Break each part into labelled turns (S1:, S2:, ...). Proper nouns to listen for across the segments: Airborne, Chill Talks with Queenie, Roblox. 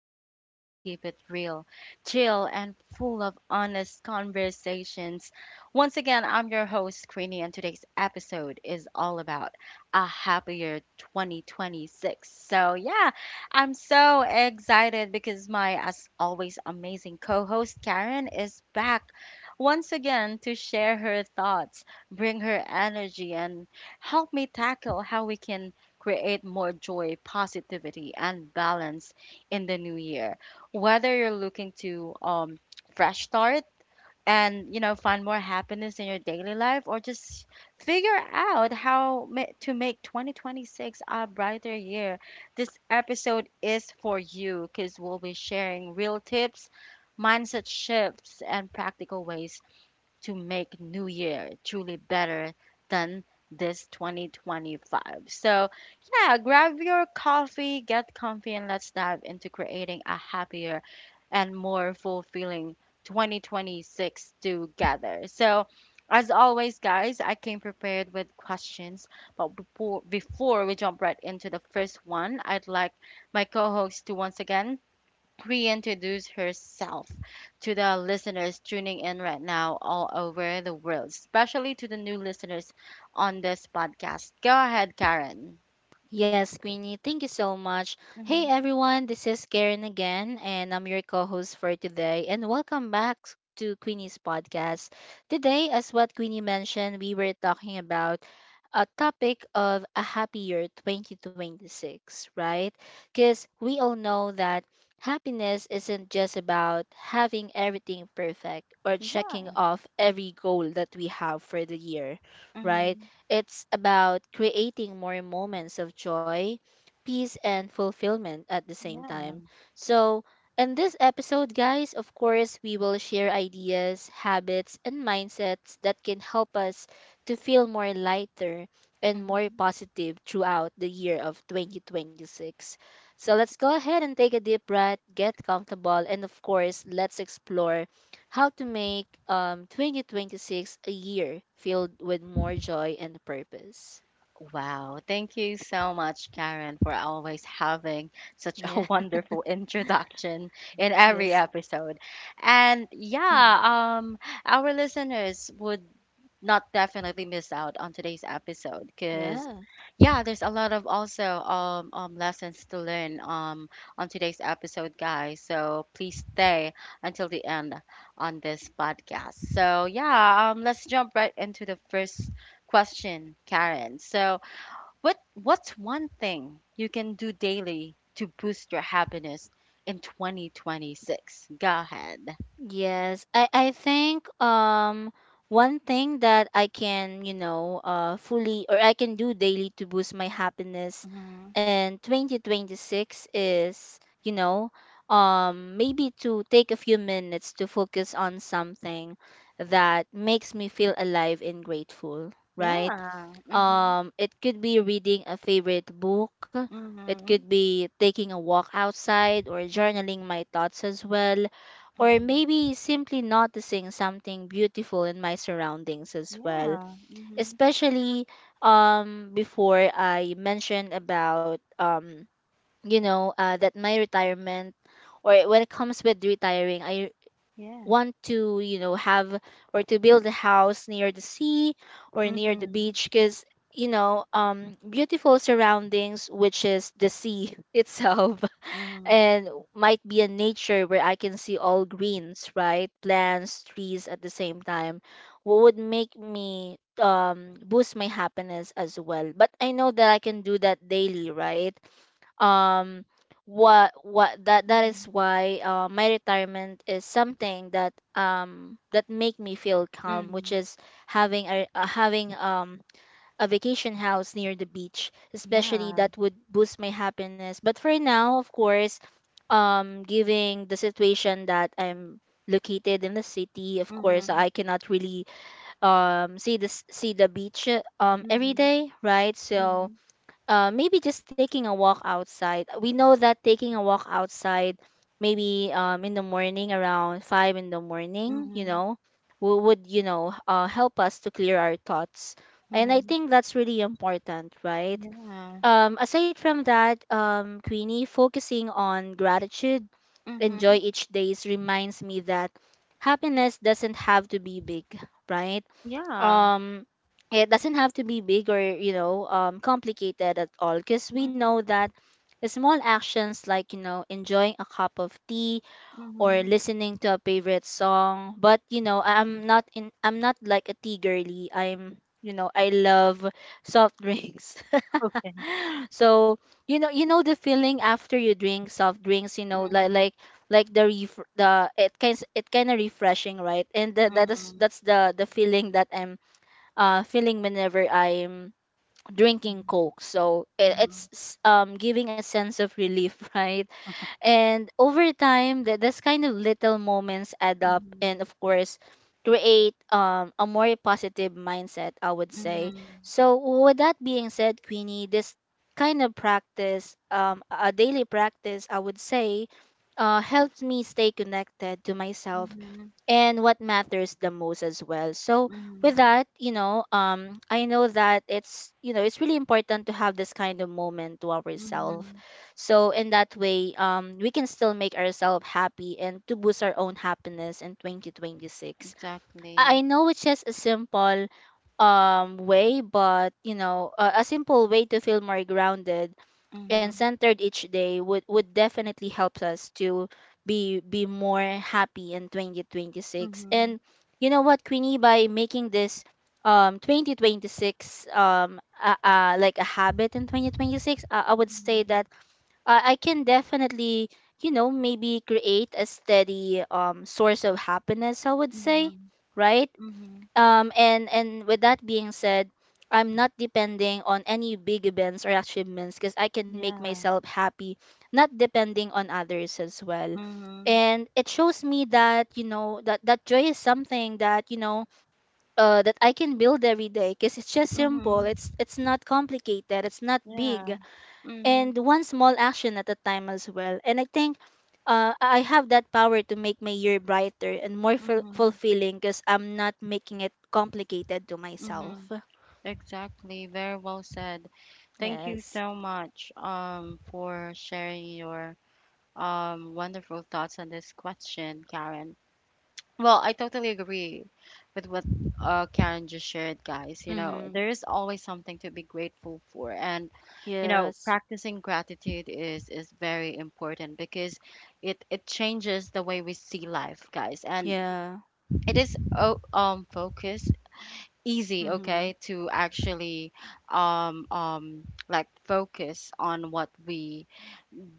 S1: podcast where we keep it real, chill, and full of honest conversations. Once again, I'm your host, Queenie, and today's episode is all about a happier 2026. So, yeah, I'm so excited because my, as always, amazing co host, Karen, is back once again to share her thoughts, bring her energy, and help me tackle how we can create more joy, positivity, and balance in the new year. Whether you're looking to fresh start and find more happiness in your daily life, or just figure out to make 2026 a brighter year, this episode is for you because we'll be sharing real tips, mindset shifts, and practical ways to make New Year truly better than this 2025. So, yeah, grab your coffee, get comfy, and let's dive into creating a happier and more fulfilling 2026 together. So, as always, guys, I came prepared with questions, but before we jump right into the first one, I'd like my co host to once again reintroduce herself to the listeners tuning in right now all over the world, especially to the new listeners on this podcast. Go ahead, Karen.
S2: Yes, Queenie, thank you so much. Hey
S1: Mm-hmm.
S2: everyone, this is Karen again, and I'm your co host for today. And welcome back to Queenie's podcast. Today, as what Queenie mentioned, we were talking about a topic of a happy year 2026, right? Because we all know that happiness isn't just about having everything perfect or
S1: Yeah.
S2: checking off every goal that we have for the year, right?
S1: Mm-hmm.
S2: It's about creating more moments of joy, peace, and fulfillment at the same
S1: Yeah.
S2: time. So, in this episode, guys, of course, we will share ideas, habits, and mindsets that can help us to feel more lighter and
S1: Mm-hmm.
S2: more positive throughout the year of 2026. So let's go ahead and take a deep breath, get comfortable, and of course, let's explore how to make 2026 a year filled with more joy and purpose.
S1: Wow, thank you so much, Karen, for always having such
S2: Yeah.
S1: a wonderful introduction in
S2: Yes.
S1: every episode. And
S2: Mm.
S1: yeah, our listeners would not definitely miss out on today's episode, because
S2: Yeah.
S1: yeah, there's a lot of also lessons to learn on today's episode, guys, so please stay until the end on this podcast. So yeah, let's jump right into the first question, Karen. So what's one thing you can do daily to boost your happiness in 2026? Go ahead.
S2: Yes. I think one thing that I can, you know, fully or I can do daily to boost my happiness
S1: Mm-hmm.
S2: in 2026 is, you know, maybe to take a few minutes to focus on something that makes me feel alive and grateful, right?
S1: Yeah. Hmm.
S2: It could be reading a favorite book. It
S1: Hmm.
S2: could be taking a walk outside or
S1: Hmm.
S2: journaling my thoughts as well. Or
S1: Hmm.
S2: maybe simply noticing something beautiful in my surroundings as well.
S1: Yeah.
S2: Especially before I mentioned about, you know, that my retirement or when it comes with retiring, I want to, you know, have or to build a house near the sea or near the
S1: Hmm.
S2: beach because you know beautiful surroundings, which is the sea itself, and might be a nature where I can see all greens, right? Plants, trees at the same time. What would make me boost my happiness as well, but I know that I can do that daily, right? um what that that is why, my retirement is something that that make me feel calm, which is having a having a vacation house near the beach, especially.
S1: Yeah.
S2: That would boost my happiness, but for now, of course, giving the situation that I'm located in the city, of course,
S1: Hmm.
S2: I cannot really see the beach
S1: Hmm. Hmm.
S2: every
S1: Hmm.
S2: day, right?
S1: Yeah. Hmm. Hmm.
S2: So
S1: Hmm.
S2: maybe just taking a walk outside. We know that taking a walk outside, maybe in the morning around 5 in the morning, you
S1: Hmm.
S2: know, would, you know, help us to clear our thoughts. And I
S1: Hmm.
S2: think that's really important, right?
S1: Yeah.
S2: Aside from that, Queenie, focusing on gratitude, enjoy
S1: Hmm.
S2: each days reminds me that happiness doesn't have to be big, right?
S1: Yeah.
S2: um it doesn't have to be big or you know complicated at all, because we know
S1: Hmm.
S2: that small actions like, you know, enjoying a cup of tea or
S1: Hmm.
S2: listening to a favorite song. But, you know, I'm not in I'm not like a tea girly. I'm, you know, I love soft drinks.
S1: Okay.
S2: So, you know, you know the feeling after you drink soft drinks, you know,
S1: Mm-hmm.
S2: like the it kind of refreshing, right? And
S1: Hmm.
S2: that's the feeling that I'm feeling whenever I'm drinking Coke. So it's
S1: Hmm.
S2: giving a sense of relief, right? And over time, that this kind of little moments add up,
S1: Hmm.
S2: and of course, create a more positive mindset, I would say.
S1: Mhm.
S2: So with that being said, Queenie, this kind of practice, a daily practice, I would say, helps me stay connected to myself
S1: Mhm.
S2: and what matters the most as well. So
S1: Mhm.
S2: with that, you know, I know that it's you know it's really important to have this kind of moment to ourselves.
S1: Mhm.
S2: So in that way, we can still make ourselves happy and to boost our own happiness in 2026. I
S1: Exactly.
S2: know it's just a simple way, but you know a simple way to feel more grounded and
S1: Mhm.
S2: centered each day would definitely help us to be more happy in 2026.
S1: Mhm.
S2: And you know what, Queenie, by making this 2026 like a habit in 2026, I would say
S1: Mhm.
S2: that I can definitely, you know, maybe create a steady source of happiness, I would say,
S1: Mhm.
S2: right?
S1: Mhm.
S2: And with that being said, I'm not depending on any big events or achievements, because I can make
S1: Yeah.
S2: myself happy, not depending on others as well.
S1: Mhm.
S2: And it shows me that, you know, that joy is something that, you know, that I can build every day, because it's just simple.
S1: Mhm.
S2: It's not complicated, it's not
S1: Yeah.
S2: big, and
S1: Mhm.
S2: one small action at a time as well. And I think I have that power to make my year brighter and more
S1: Mhm.
S2: fulfilling, because I'm not making it complicated to
S1: Mhm.
S2: myself.
S1: Exactly. Very well said. Thank you
S2: Yes.
S1: so much for sharing your wonderful thoughts on this question, Karen. Well, I totally agree with what Karen just shared, guys. You know,
S2: Mm-hmm.
S1: there is always something to be grateful for, and you know,
S2: Yes.
S1: practicing gratitude is very important, because it changes the way we see life, guys, and
S2: Yeah.
S1: it is oh, focus easy,
S2: Mm-hmm.
S1: okay, to actually focus on what we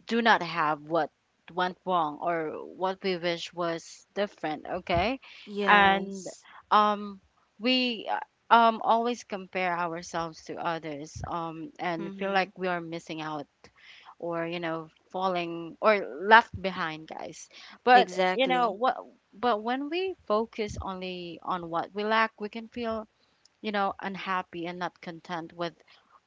S1: do not have, what went wrong, or what we wish was different, okay. And
S2: Yes.
S1: um we always compare ourselves to others, and feel
S2: Mm-hmm.
S1: like we are missing out or you know, falling or left behind, guys. But you know
S2: Exactly.
S1: what, but when we focus only on what we lack, we can feel, you know, unhappy and not content with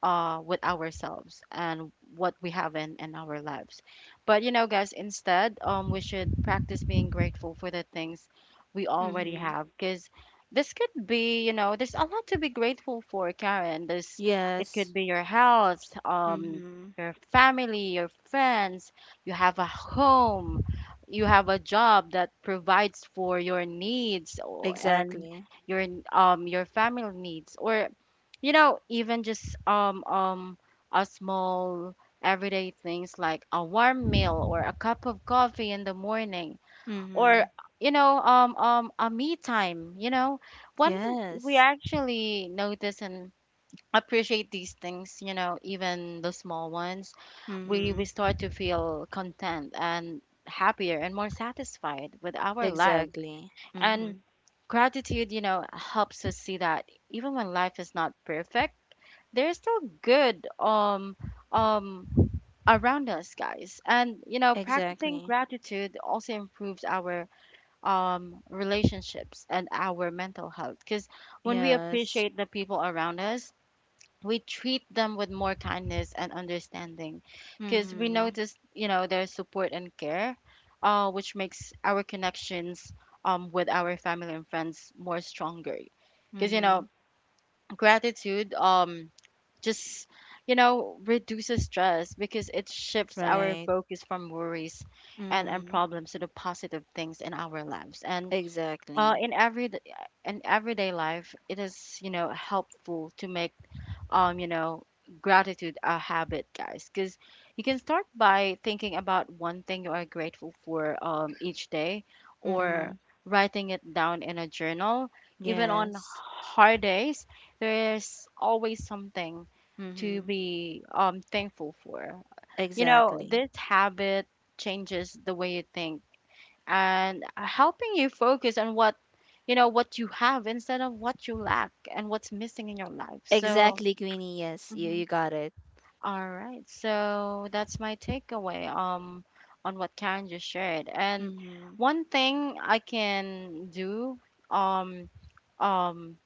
S1: with ourselves and what we have in our lives. But you know, guys, instead, we should practice being grateful for the things we already
S2: Mm-hmm.
S1: have, because this could be, you know, there's a lot to be grateful for, Karen. This It
S2: Yes.
S1: could be your health,
S2: Mm-hmm.
S1: your family, your friends. You have a home, you have a job that provides for your needs, and
S2: Exactly.
S1: your your family needs, or you know, even just a small everyday things like a warm meal or a cup of coffee in the morning, or
S2: Mm-hmm.
S1: you know, a me time, you know, when we
S2: Yes.
S1: actually notice and appreciate these things, you know, even the small ones, we
S2: Mm-hmm.
S1: we start to feel content and happier and more satisfied with our lives.
S2: Exactly. Mm-hmm.
S1: And gratitude, you know, helps us see that even when life is not perfect, there's still good um around us, guys. And you know, practicing
S2: Exactly.
S1: gratitude also improves our relationships and our mental health, because when we
S2: Yes.
S1: appreciate the people around us, we treat them with more kindness and understanding, because we
S2: Mm-hmm.
S1: notice, you know, their support and care, which makes our connections with our family and friends more stronger. Because you
S2: Mm-hmm.
S1: know, gratitude, just you know, reduces stress, because it shifts our
S2: Right.
S1: focus from worries and
S2: Mm-hmm.
S1: problems to the positive things in our lives. And uh,
S2: Exactly.
S1: in every in everyday life, it is, you know, helpful to make, you know, gratitude a habit, guys, because you can start by thinking about one thing you are grateful for, each day, or
S2: Mm-hmm.
S1: writing it down in a journal. Even on
S2: Yes.
S1: hard days, there is always something to
S2: Mm-hmm.
S1: be, thankful for. You know,
S2: Exactly.
S1: this habit changes the way you think and helping you focus on what you have instead of what you lack and what's missing in your life. So,
S2: Exactly, Queenie. Yes, you
S1: mhm.
S2: you got it.
S1: All right. So that's my takeaway on what Karen just shared. And
S2: Mm-hmm.
S1: one thing I can do um um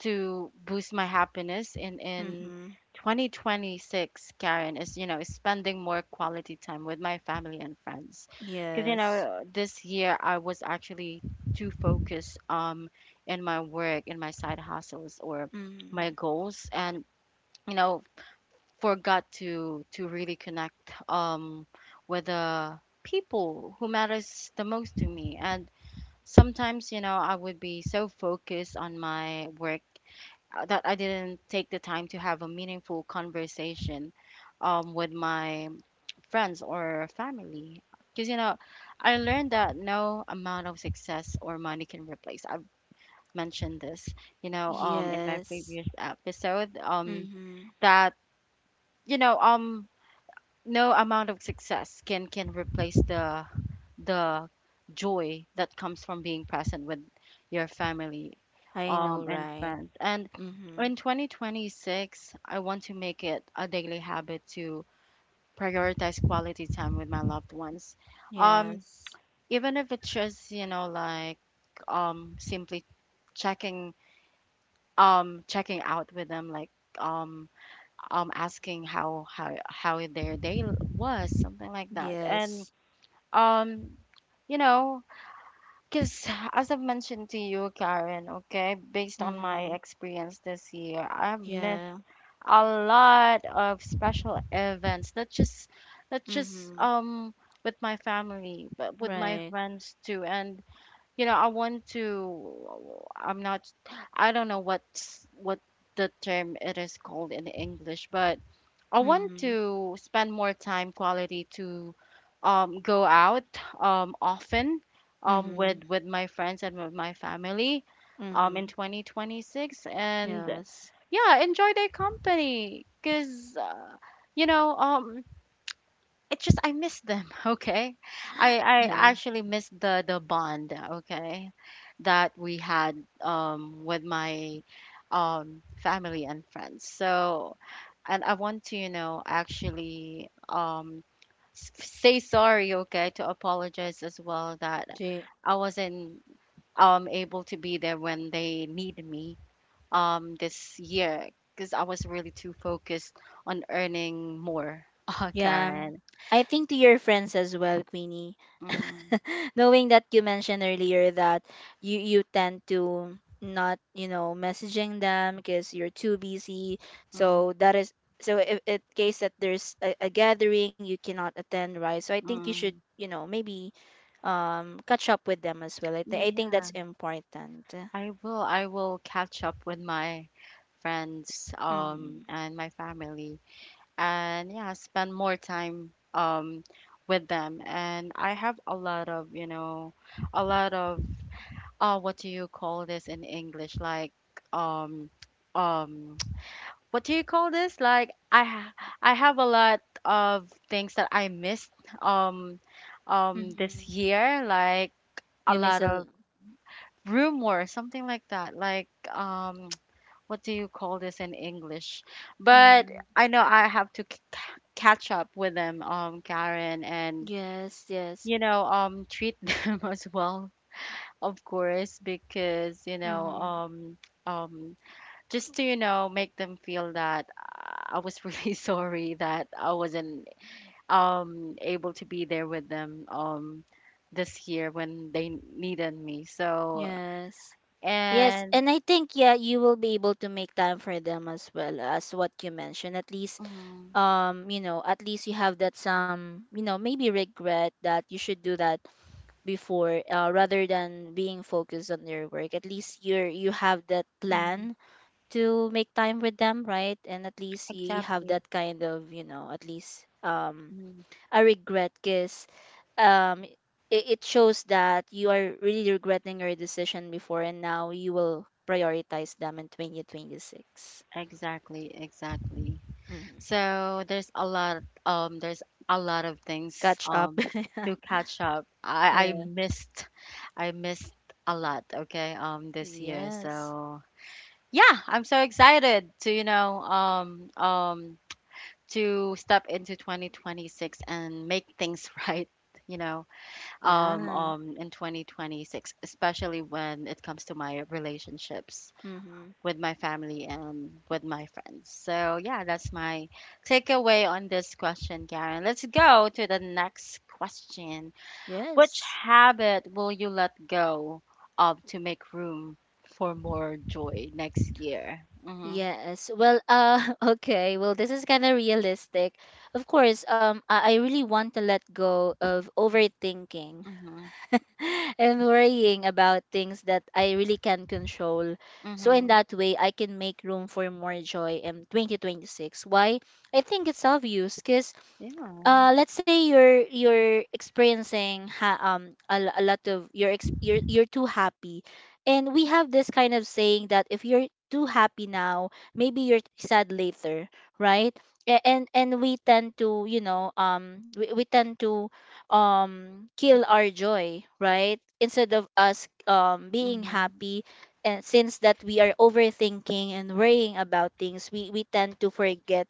S1: to boost my happiness in
S2: Mm-hmm.
S1: 2026, Karen, is, you know, spending more quality time with my family and friends, because you
S2: Yes.
S1: know, this year I was actually too focused in my work, in my side hustles, or my
S2: Mm-hmm.
S1: goals, and you know, forgot to really connect with the people who matters the most to me. And sometimes, you know, I would be so focused on my work that I didn't take the time to have a meaningful conversation with my friends or family. Because, you know, I learned that no amount of success or money can replace. I've mentioned this, you know, in my
S2: Yes.
S1: previous episode,
S2: Mm-hmm.
S1: that, you know, no amount of success can replace the the joy that comes from being present with your family,
S2: I know,
S1: and
S2: right?
S1: friends. And
S2: Mm-hmm.
S1: in 2026, I want to make it a daily habit to prioritize quality time with my loved ones. Um,
S2: Yes.
S1: even if it's just, you know, like, simply checking checking out with them, like, um, asking how their day was, something like that.
S2: Yes.
S1: And um, you know, because, as I've mentioned to you, Karen, okay, based on my
S2: Mm-hmm.
S1: experience this year, I've missed
S2: Yeah.
S1: a lot of special events. Not just,
S2: Mm-hmm.
S1: um, with my family, but with my
S2: Right.
S1: friends too. And you know, I want to. I'm not. I don't know what's what the term it is called in English, but I want
S2: Mm-hmm.
S1: to spend more time quality to, go out, often,
S2: Mm-hmm.
S1: with my friends and with my family, in
S2: Mm-hmm.
S1: 2026. And
S2: Yes.
S1: yeah, enjoy their company, because you know, it's just, I miss them, okay? I I
S2: Yeah.
S1: actually miss the bond, okay, that we had, um, with my, um, family and friends. So, and I want to, you know, actually, um, say sorry, okay, to apologize as well that
S2: J
S1: I wasn't, um, able to be there when they needed me, um, this year, because I was really too focused on earning more,
S2: Yeah.
S1: Karen.
S2: I think to your friends as well, Queenie.
S1: Mm-hmm.
S2: Knowing that you mentioned earlier that you tend to not, you know, messaging them because you're too busy.
S1: Mm,
S2: So that is so if in case that there's a gathering you cannot attend, right? So I think you should,
S1: mm.
S2: you know, maybe catch up with them as well. I think
S1: Yeah,
S2: that's important.
S1: I will. I will catch up with my friends,
S2: Mm-hmm.
S1: and my family, and yeah, spend more time, with them. And I have a lot of, you know, a lot of, what do you call this in English? Like, um, um, what do you call this? Like, I have a lot of things that I missed, um, this
S2: Mm-hmm.
S1: year. Like a
S2: You miss
S1: lot
S2: a
S1: of rumor, something like that. Like, what do you call this in English? But
S2: mm-hmm.
S1: I know I have to catch up with them, Karen, and
S2: Yes, yes.
S1: you know, treat them as well, of course, because you know,
S2: Mm-hmm.
S1: um, just to, you know, make them feel that I was really sorry that I wasn't, um, able to be there with them, um, this year when they needed me. So
S2: Yes. Yes,
S1: and
S2: and I think, yeah, you will be able to make time for them as well, as what you mentioned. At least,
S1: mm,
S2: you know, at least you have that some, you know, maybe regret that you should do that before, rather than being focused on your work. At least you have that
S1: mm.
S2: plan to make time with them, right? And at least you have
S1: Exactly.
S2: that kind of, you know, at least
S1: Mm.
S2: a regret, because um, it, it shows that you are really regretting your decision before, and now you will prioritize them in 2026.
S1: Exactly, exactly.
S2: Mm-hmm.
S1: So there's a lot, there's a lot of things,
S2: Catch up.
S1: um, to catch up. I
S2: Yeah.
S1: missed, I missed a lot, okay, um, this year.
S2: Yes.
S1: So yeah, I'm so excited to, you know, to step into 2026 and make things right, you know,
S2: Yeah.
S1: in 2026, especially when it comes to my relationships
S2: Mm-hmm.
S1: with my family and with my friends. So, yeah, that's my takeaway on this question, Karen. Let's go to the next question. Which
S2: Yes.
S1: habit will you let go of to make room for more joy next year? Mm-hmm.
S2: Yes. Well, okay. Well, this is kind of realistic. Of course, I really want to let go of overthinking
S1: Mm-hmm.
S2: and worrying about things that I really can control. So in
S1: Mm-hmm.
S2: that way, I can make room for more joy in 2026. Why? I think it's obvious because
S1: Yeah.
S2: let's say you're experiencing a lot of you're too happy, and we have this kind of saying that if you're too happy now, maybe you're sad later, right? And we tend to, you know, we tend to kill our joy, right, instead of us being
S1: Mm-hmm.
S2: happy. And since that we are overthinking and worrying about things, we tend to forget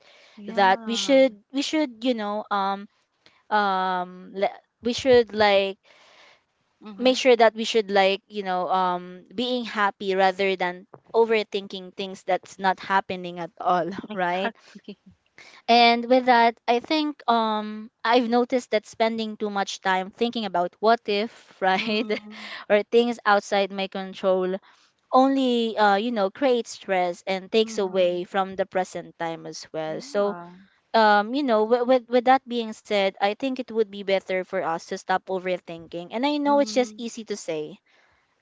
S2: that
S1: Yeah.
S2: we should, you know, we should, like,
S1: Mm-hmm.
S2: make sure that we should, like, you know, being happy rather than overthinking things that's not happening at all, right?
S1: Exactly.
S2: And with that, I think I've noticed that spending too much time thinking about what if, right,
S1: Mm-hmm.
S2: or things outside my control only you know creates stress and takes
S1: Mm-hmm.
S2: away from the present time as well. So
S1: Yeah.
S2: you know, with that being said, I think it would be better for us to stop overthinking. And I know it's just
S1: Mm-hmm.
S2: easy to say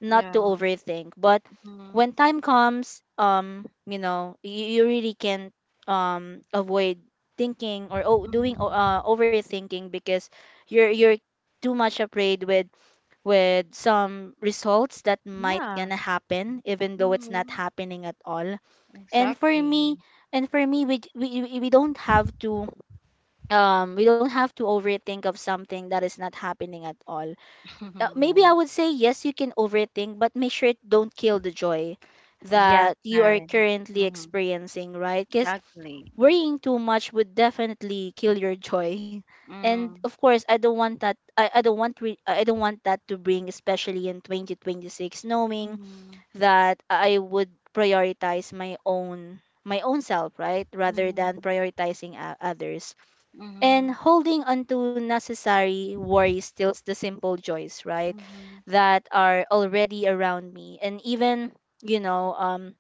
S2: not to
S1: Yeah.
S2: overthink, but
S1: Mm-hmm.
S2: when time comes, you know, you really can't avoid thinking or
S1: Mm-hmm.
S2: overthinking, because you're too much afraid with some results that might
S1: Yeah.
S2: gonna happen, even though it's not
S1: Mm-hmm.
S2: happening at all. And for me,
S1: Exactly.
S2: and for me, we don't have to we don't have to overthink of something that is not happening at all. Maybe
S1: Yeah.
S2: I would say yes, you can overthink, but make sure it don't kill the joy
S1: Yes,
S2: that you are
S1: Karen.
S2: currently
S1: Mm-hmm.
S2: experiencing, right? Because
S1: Exactly.
S2: worrying too much would definitely kill your joy, and
S1: Mm.
S2: of course I don't want that. I don't want I don't want that to bring, especially in 2026, knowing
S1: Mm-hmm.
S2: that I would prioritize my own, my own self, right, rather than
S1: Mm-hmm.
S2: prioritizing others. And
S1: Mm-hmm.
S2: holding onto necessary worries steals the simple joys, right,
S1: Mm-hmm.
S2: that are already around me. And even you know um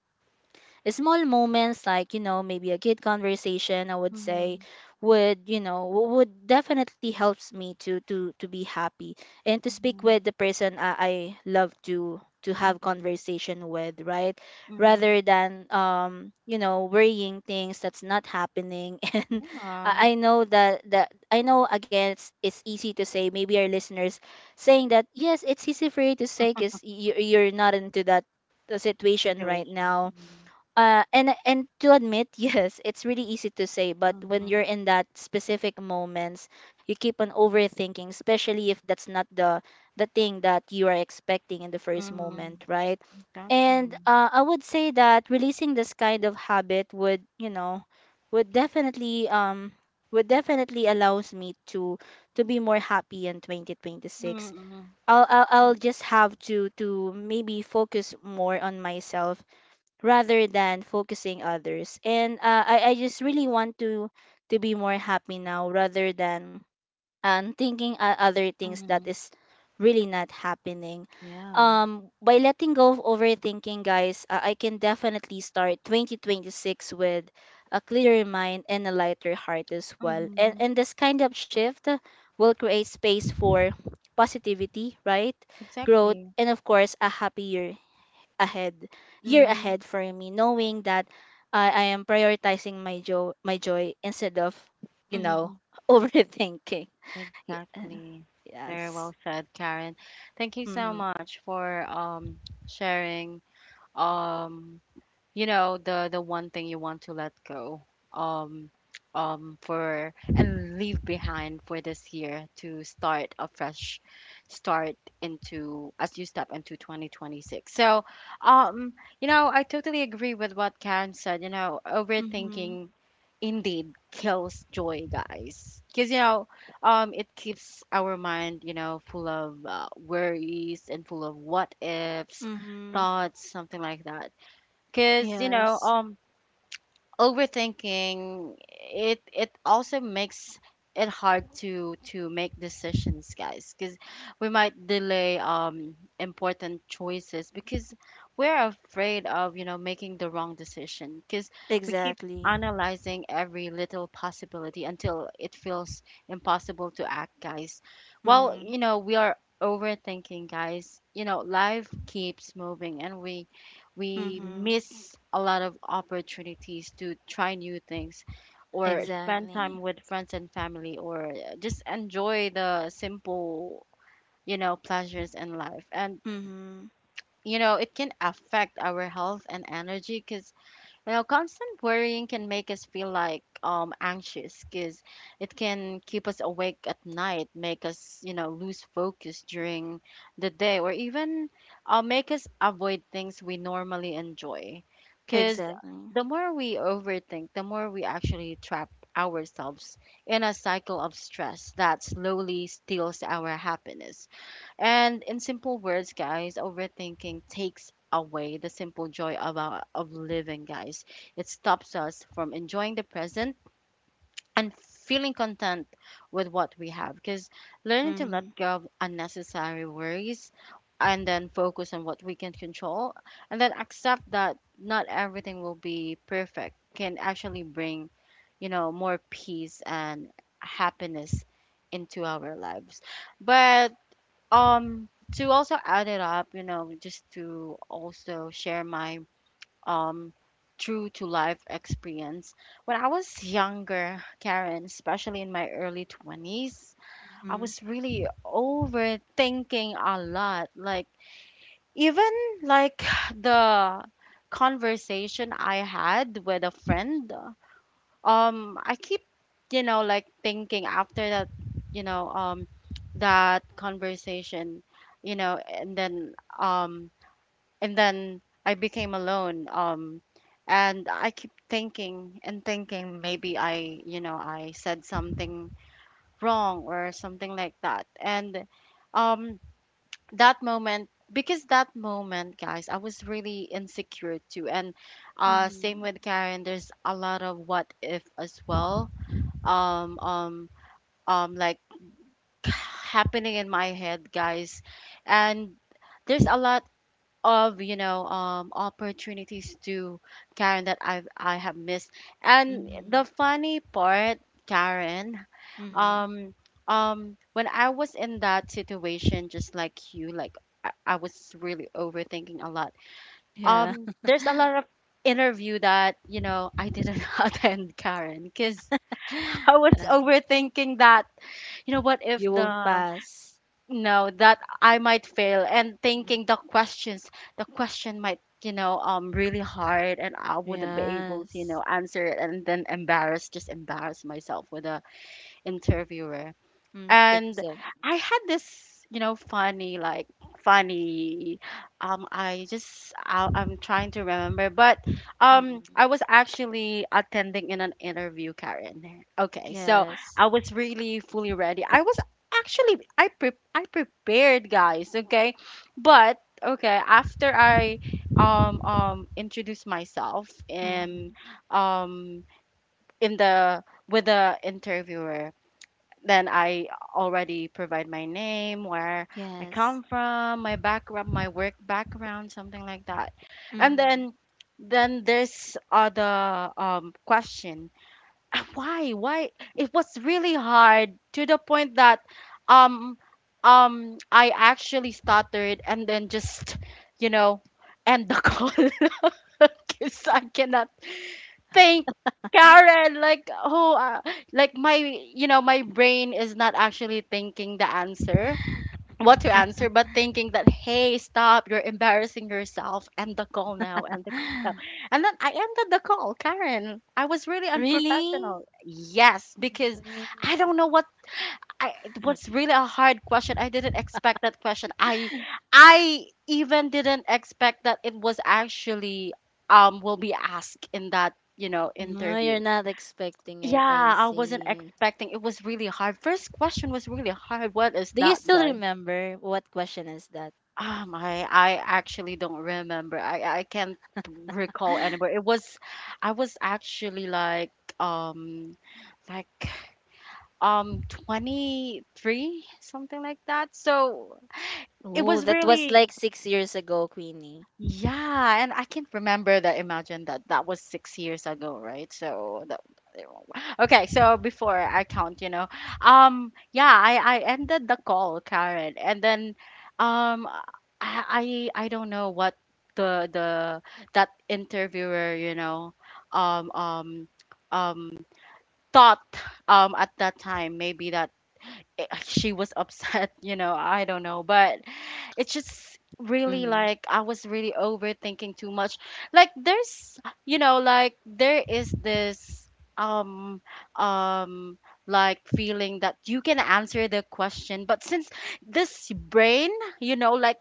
S2: small moments, like maybe a good conversation, I would say
S1: Mm-hmm.
S2: would, would definitely helps me to to be happy and to speak
S1: Mm-hmm.
S2: with the person I love to have
S1: Mm-hmm.
S2: conversation with, right,
S1: Mm-hmm.
S2: rather than worrying things that's not happening. And
S1: Yeah.
S2: I know that I know again, it's easy to say, maybe our listeners saying that yes, it's easy for you to say because you're not into that, the situation right now.
S1: Situation.
S2: And to admit, yes, it's really easy to say, but when
S1: Mm-hmm.
S2: you're in that specific moments, you keep on overthinking, especially if that's not the the thing that you are expecting in the first
S1: Mm-hmm.
S2: moment, right? And
S1: Exactly.
S2: I would say that releasing this kind of habit would, would definitely um would definitely allows me to be more happy in 2026.
S1: Mm-hmm.
S2: I'll just have to maybe focus more on myself rather than focusing others. And I just really want to be more happy now rather than thinking other things that
S1: Mm-hmm.
S2: is really not happening.
S1: Yeah.
S2: By letting go of overthinking, guys, I can definitely start 2026 with a clearer mind and a lighter heart as well.
S1: Mm-hmm.
S2: And this kind of shift will create space for positivity, right? Growth,
S1: Exactly.
S2: and of course, a happier ahead year
S1: Mm-hmm.
S2: ahead for me, knowing that I am prioritizing my joy, my joy, instead of you
S1: Mm-hmm.
S2: know overthinking. Yeah.
S1: Exactly. Very
S2: Yes.
S1: well said, Karen. Thank you so
S2: Mm-hmm.
S1: much for sharing Um, you know the one thing you want to let go um for and leave behind for this year to start a fresh start into as you step into 2026. So um you know, I totally agree with what Karen said. You know,
S2: Mm-hmm.
S1: overthinking indeed kills joy, guys, because you know, it keeps our mind, you know, full of worries and full of what ifs
S2: Mm-hmm.
S1: thoughts, something like that. Because you
S2: Yes.
S1: know, overthinking, it also makes it hard to make decisions, guys, because we might delay important choices because we're afraid of, you know, making the wrong decision, because we keep
S2: Exactly.
S1: analyzing every little possibility until it feels impossible to act, guys. Well,
S2: Mm-hmm.
S1: you know, we are overthinking, guys. You know, life keeps moving, and we
S2: Mm-hmm.
S1: miss a lot of opportunities to try new things, or spend time
S2: Exactly.
S1: with friends and family, or just enjoy the simple, you know, pleasures in life. And
S2: Mm-hmm.
S1: you know, it can affect our health and energy, because you know, constant worrying can make us feel like anxious, because it can keep us awake at night, make us, you know, lose focus during the day, or even make us avoid things we normally enjoy. Because
S2: Exactly.
S1: the more we overthink, the more we actually trap ourselves in a cycle of stress that slowly steals our happiness. And in simple words, guys, overthinking takes away the simple joy of, our, of living, guys. It stops us from enjoying the present and feeling content with what we have. Because learning to
S2: Mm-hmm.
S1: let go of unnecessary worries and then focus on what we can control and then accept that not everything will be perfect can actually bring, you know, more peace and happiness into our lives. But um to also add it up, you know, just to also share my um true to life experience, when I was younger, Karen, especially in my early 20s, I
S2: Mm-hmm.
S1: was really overthinking a lot. Like even, like the conversation I had with a friend, I keep, you know, like thinking after that, you know, that conversation, you know. And then um I became alone, and I keep thinking and thinking, maybe I, you know, I said something wrong or something like that. And um that moment, because that moment, guys, I was really insecure too. And same
S2: Mm-hmm.
S1: with Karen, there's a lot of what if as well, um um like happening in my head, guys. And there's a lot of, you know, opportunities to, Karen, that I have missed. And
S2: Mm-hmm.
S1: the funny part, Karen,
S2: Mm-hmm.
S1: um when I was in that situation just like you, like I was really overthinking a lot.
S2: Yeah.
S1: There's a lot of interview that, you know, I didn't attend, Karen, because I was
S2: Uh,
S1: overthinking that, you know, what
S2: you
S1: if
S2: won't
S1: the,
S2: pass.
S1: no, that I might fail, and
S2: Mm.
S1: thinking the questions, the question might, you know, really hard, and I wouldn't be able to, you
S2: Yes.
S1: know, answer it, and then embarrass, just embarrass myself with the interviewer.
S2: Mm,
S1: And
S2: exact.
S1: I had this, you know, funny, like funny. I just I, I'm trying to remember, but
S2: Mm-mm.
S1: I was actually attending in an interview, Karen. Okay, so
S2: Yes.
S1: I was really fully ready. I was actually I pre- I prepared, guys. Okay, but okay, after I introduced myself
S2: Mm-hmm.
S1: and um in the with the interviewer, then I already provide my name, where I
S2: Yes.
S1: come from, my background, my work background, something like that. And
S2: Mm-hmm.
S1: then there's other question. Why? Why? It was really hard to the point that um I actually stuttered and then just, you know, end the call because I cannot, thank, Karen. Like, oh, like my, you know, my brain is not actually thinking the answer, what to answer, but thinking that, hey, stop, you're embarrassing yourself. End the call now, end the call now. And then I ended the call, Karen. I was really
S2: Really?
S1: unprofessional. Yes, because
S2: Mm.
S1: I don't know what I, it was really a hard question. I didn't expect that question. I even didn't expect that it was actually will be asked in that, you know,
S2: No,
S1: interview.
S2: you're not expecting
S1: Yeah,
S2: it. I
S1: I wasn't
S2: see.
S1: expecting. It was really hard. First question was really hard. What is
S2: Do you
S1: that,
S2: still
S1: guys?
S2: remember what question is that?
S1: I actually don't remember. I can't recall anywhere. It was, I was actually like um like 23, something like that. So it
S2: Oh,
S1: was
S2: that was
S1: really,
S2: like 6 years ago, Queenie.
S1: yeah, and I can't remember that. Imagine that that was 6 years ago, right? So that, okay. So before I count, you know, yeah, I ended the call, Karen, and then, um, I don't know what the that interviewer, you know, um um um thought at that time, maybe that, eh, she was upset, you know, I don't know, but it's just really
S2: Mm-hmm.
S1: like I was really overthinking too much. Like there's, you know, like there is this um um like feeling that you can answer the question, but since this brain, you know, like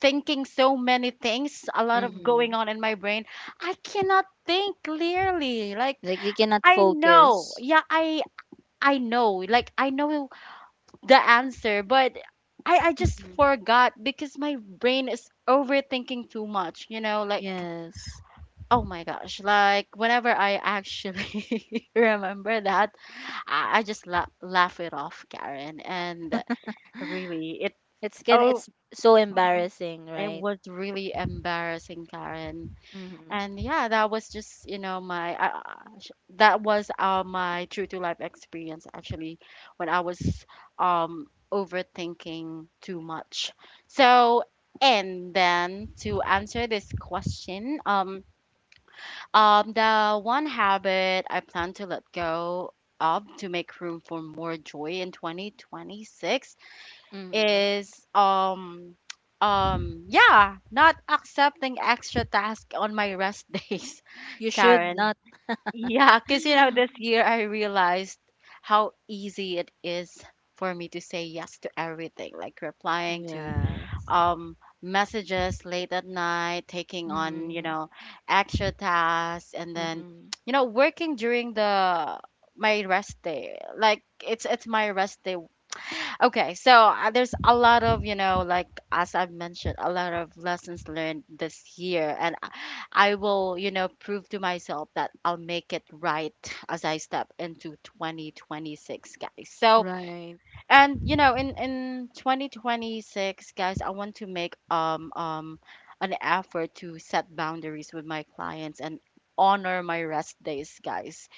S1: thinking so many things, a lot of going
S2: Mm-hmm.
S1: on in my brain, I cannot think clearly, like,
S2: Like we cannot
S1: I know,
S2: focus.
S1: yeah, I know, like I know the answer, but I just
S2: Mm-hmm.
S1: forgot because my brain is overthinking too much, you know, like,
S2: Yes.
S1: oh my gosh, like whenever I actually remember that, I just la- laugh it off, Karen, and really it,
S2: It's can it's
S1: oh,
S2: so
S1: mhm,
S2: embarrassing,
S1: it
S2: right?
S1: was really embarrassing, Karen.
S2: Mm-hmm.
S1: And yeah, that was just, you know, my sh-, that was my true to life experience actually when I was overthinking too much. So, and then to answer this question, the one habit I plan to let go of to make room for more joy in 2026
S2: Mm-hmm.
S1: is yeah, not accepting extra tasks on my rest days,
S2: You should
S1: Karen.
S2: not.
S1: Yeah, because you know, this year I realized how easy it is for me to say yes to everything, like replying to
S2: Yes.
S1: messages late at night, taking on, you
S2: Mm-hmm.
S1: know, extra tasks, and then,
S2: Mm-hmm.
S1: you know, working during the my rest day. Like it's my rest day. Okay, so there's a lot of, you know, like as I've mentioned, a lot of lessons learned this year, and I will, you know, prove to myself that I'll make it right as I step into 2026, guys. So,
S2: Right.
S1: and you know, in 2026, guys, I want to make an effort to set boundaries with my clients and honor my rest days, guys.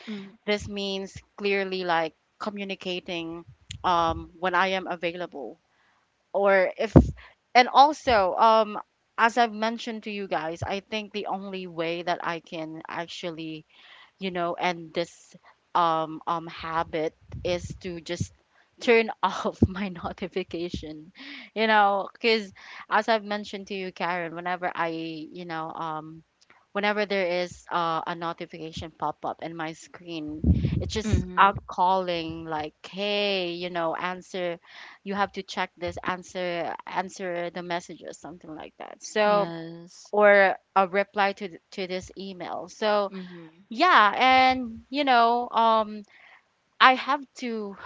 S1: This means clearly, like communicating when I am available, or if, and also as I've mentioned to you guys, I think the only way that I can actually, you know, and this habit is to just turn off my notification, you know, because as I've mentioned to you, Karen, whenever I, you know, whenever there is a notification pop up in my screen, it's just
S2: Mm-hmm.
S1: out calling, like, hey, you know, answer, you have to check this, answer, answer the messages, something like that, so,
S2: Yes.
S1: or a reply to th- to this email. So
S2: Mm-hmm.
S1: yeah, and you know, I have to.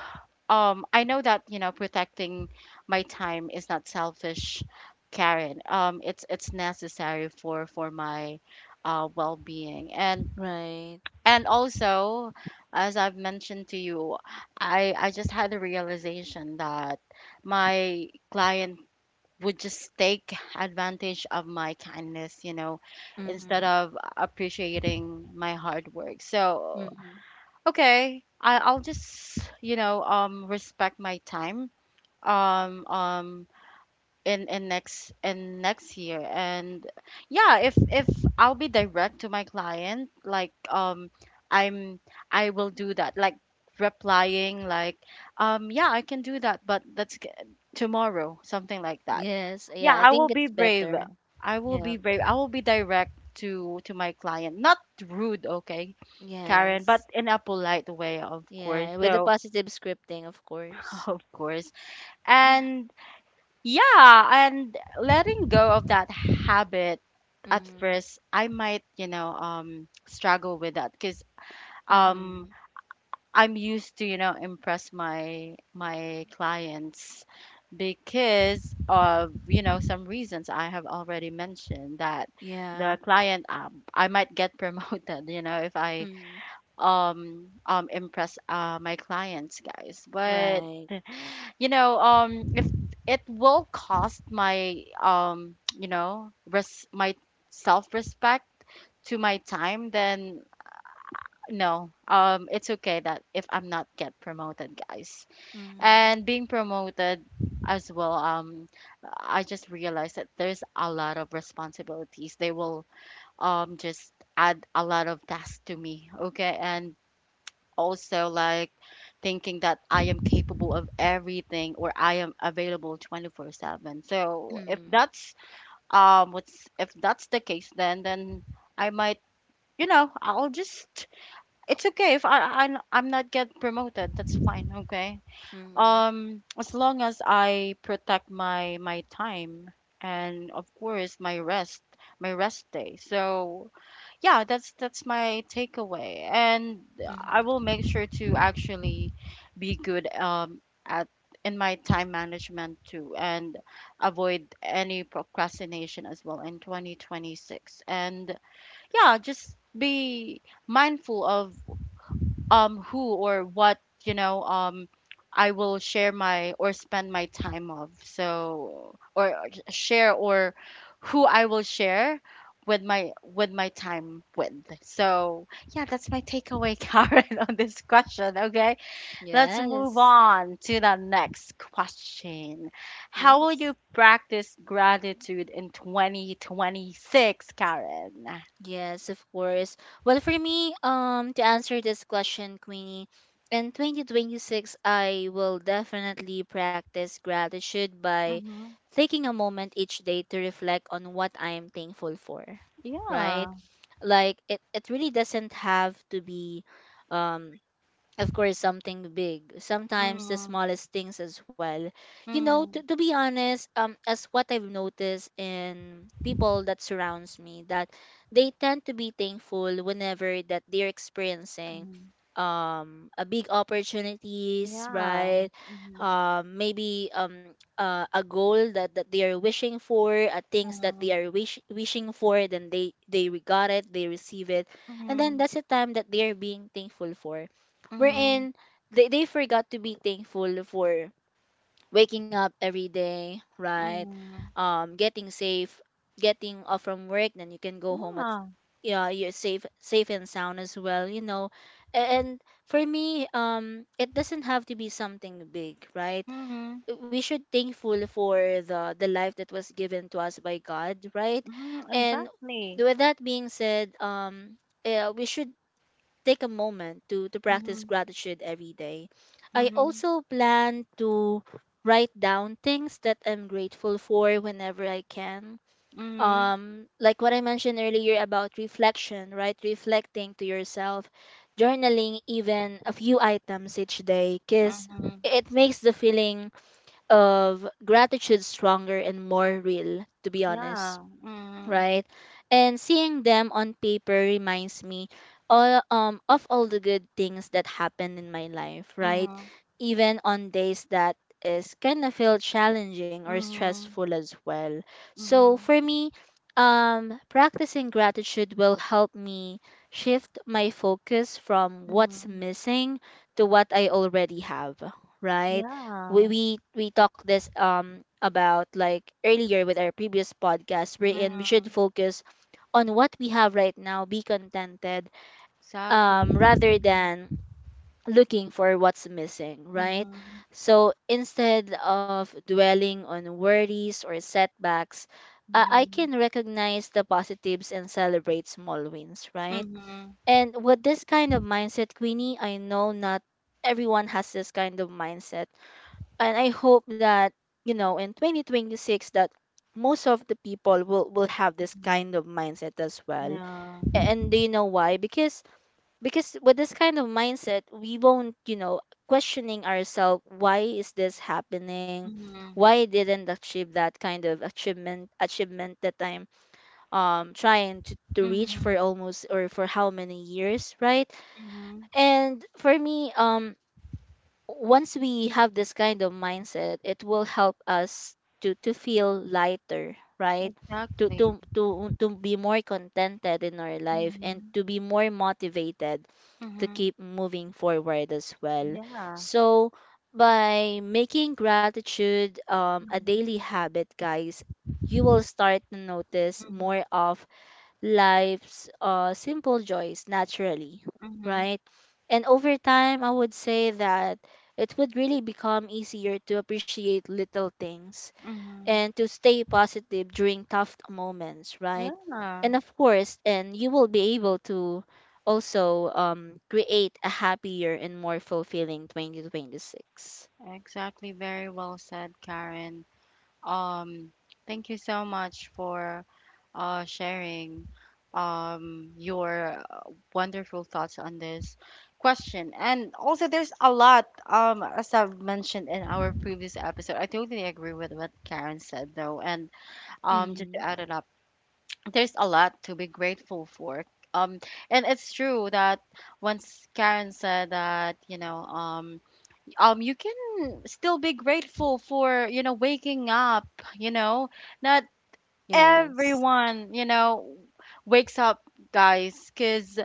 S1: I know that, you know, protecting my time is not selfish, Karen. It's necessary for my well-being. and
S2: Right.
S1: and also, as I've mentioned to you, I just had a realization that my client would just take advantage of my kindness, you know, instead
S2: Mm-hmm.
S1: of appreciating my hard work. So
S2: Mm-hmm.
S1: okay, I'll just, you know, respect my time um um in next year. And yeah, if I'll be direct to my client, like, i'm I will do that, like replying like, yeah, I can do that, but that's g- tomorrow, something like that.
S2: Yes. Yeah,
S1: Yeah,
S2: I
S1: I will
S2: think
S1: be
S2: it's
S1: brave.
S2: better.
S1: I will be
S2: Yeah.
S1: brave. I will be direct to my client. Not rude, okay, Karen, but
S2: Yes.
S1: in a polite way, of course.
S2: Yeah, with the
S1: So,
S2: positive scripting, of course.
S1: of course. And yeah, and letting go of that habit, at
S2: Mm-hmm.
S1: first, I might, you know, struggle with that, because um
S2: Mm-hmm.
S1: I'm used to, you know, impress my clients, because of, you know, some reasons I have already mentioned, that
S2: Yeah.
S1: the client, I might get promoted, you know, if I
S2: Mm-hmm.
S1: impress my clients, guys. But
S2: Right.
S1: you know, if it will cost my you know, res- my self-respect to my time, then no, it's okay that if I'm not get promoted, guys.
S2: Mm-hmm.
S1: And being promoted as well, I just realized that there's a lot of responsibilities. They will just add a lot of tasks to me, okay? And also like thinking that I am capable of everything, or I am available 24/7. So if
S2: Mm-hmm.
S1: that's what's if that's the case, then I might, I'll just it's okay if I'm not get promoted. That's fine. Okay. As long as I protect my time and of course my rest day. So yeah, that's my takeaway, and
S2: Mm-hmm.
S1: I will make sure to actually be good at in my time management too, and avoid any procrastination as well in 2026. And yeah, just be mindful of who or what you know um I will share my or spend my time of so or share or who I will share with my time with. So yeah, that's my takeaway, Karen, on this question. Okay, let's move
S2: Yes.
S1: on to the next question. How will
S2: Yes.
S1: you practice gratitude in 2026, Karen?
S2: Yes, of course. Well, for me, to answer this question, Queenie, in 2026, I will definitely practice gratitude by
S1: Mm-hmm.
S2: taking a moment each day to reflect on what I am thankful for, right?
S1: Yeah.
S2: Like it really doesn't have to be, um of course, something big. Sometimes the smallest things as well,
S1: Mm-hmm.
S2: to be honest. Um, as what I've noticed in people that surrounds me, that they tend to be thankful whenever that they're experiencing a big opportunities,
S1: Yeah.
S2: right?
S1: Mhm.
S2: Maybe A goal that, that they are wishing for, things that
S1: Mhm.
S2: they are wishing for, then they got it, they receive it, and then
S1: Mhm.
S2: that's the time that they are being thankful for,
S1: Mhm.
S2: wherein they forgot to be thankful for waking up every day, right?
S1: Mhm.
S2: Getting safe, getting off from work, then you can go home at,
S1: Yeah.
S2: yeah, you're safe, safe and sound as well, you know. And for me, it doesn't have to be something big, right?
S1: Mhm.
S2: We should thankful for the life that was given to us by God, right?
S1: Mhm.
S2: And
S1: Exactly.
S2: with that being said, yeah, we should take a moment to practice
S1: Mhm.
S2: gratitude every day. I
S1: Mhm.
S2: also plan to write down things that I'm grateful for whenever I can.
S1: Mhm.
S2: Like what I mentioned earlier about reflection, right? Reflecting to yourself, journaling even a few items each day, because
S1: Mhm.
S2: it makes the feeling of gratitude stronger and more real, to be honest,
S1: Yeah. Mhm.
S2: right? And seeing them on paper reminds me all of all the good things that happened in my life, right?
S1: Mhm.
S2: Even on days that is kind of feel challenging or
S1: Mhm.
S2: stressful as well. So
S1: Mhm.
S2: for me, practicing gratitude will help me shift my focus from what's
S1: Mhm.
S2: missing to what I already have, right? we
S1: Yeah.
S2: we we talked this about like earlier with our previous podcast wherein we should
S1: Mhm.
S2: focus on what we have right now, be contented,
S1: Exactly.
S2: rather
S1: Mhm.
S2: than looking for what's missing, right?
S1: Mhm.
S2: So instead of dwelling on worries or setbacks, I can
S1: Mhm.
S2: recognize the positives and celebrate small wins, right?
S1: Mhm.
S2: And with this kind of mindset, Queenie, I know not everyone has this kind of mindset, and I hope that in 2026, that most of the people will have this
S1: Mhm.
S2: kind of mindset as well.
S1: Yeah.
S2: And do you know why? Because with this kind of mindset, we won't, questioning ourselves why is this happening,
S1: Mhm.
S2: why I didn't achieve that kind of achievement that I'm trying to reach
S1: Mhm.
S2: for almost or for how many years, right?
S1: Mhm.
S2: And for me, once we have this kind of mindset, it will help us to feel lighter, right, to
S1: Exactly.
S2: to be more contented in our life and
S1: Mhm.
S2: to be more motivated to
S1: Mhm.
S2: keep moving forward as well.
S1: Yeah.
S2: So by making gratitude a daily habit, guys, you will start to notice more
S1: Mhm,
S2: of life's simple joys naturally,
S1: mhm,
S2: right? And over time, I would say that it would really become easier to appreciate little things
S1: mhm.
S2: and to stay positive during tough moments, right?
S1: Yeah,
S2: And of course, and you will be able to also create a happier and more fulfilling 2026.
S1: exactly. Very well said, Karen. Um, Thank you so much for sharing your wonderful thoughts on this question. And also there's a lot as I've mentioned in our previous episode. I totally agree with what Karen said though. And just to
S2: Mm,
S1: add it up, there's a lot to be grateful for. Um, and it's true that once Karen said that, you can still be grateful for, waking up, you know, not
S2: yes.
S1: everyone, wakes up, guys, because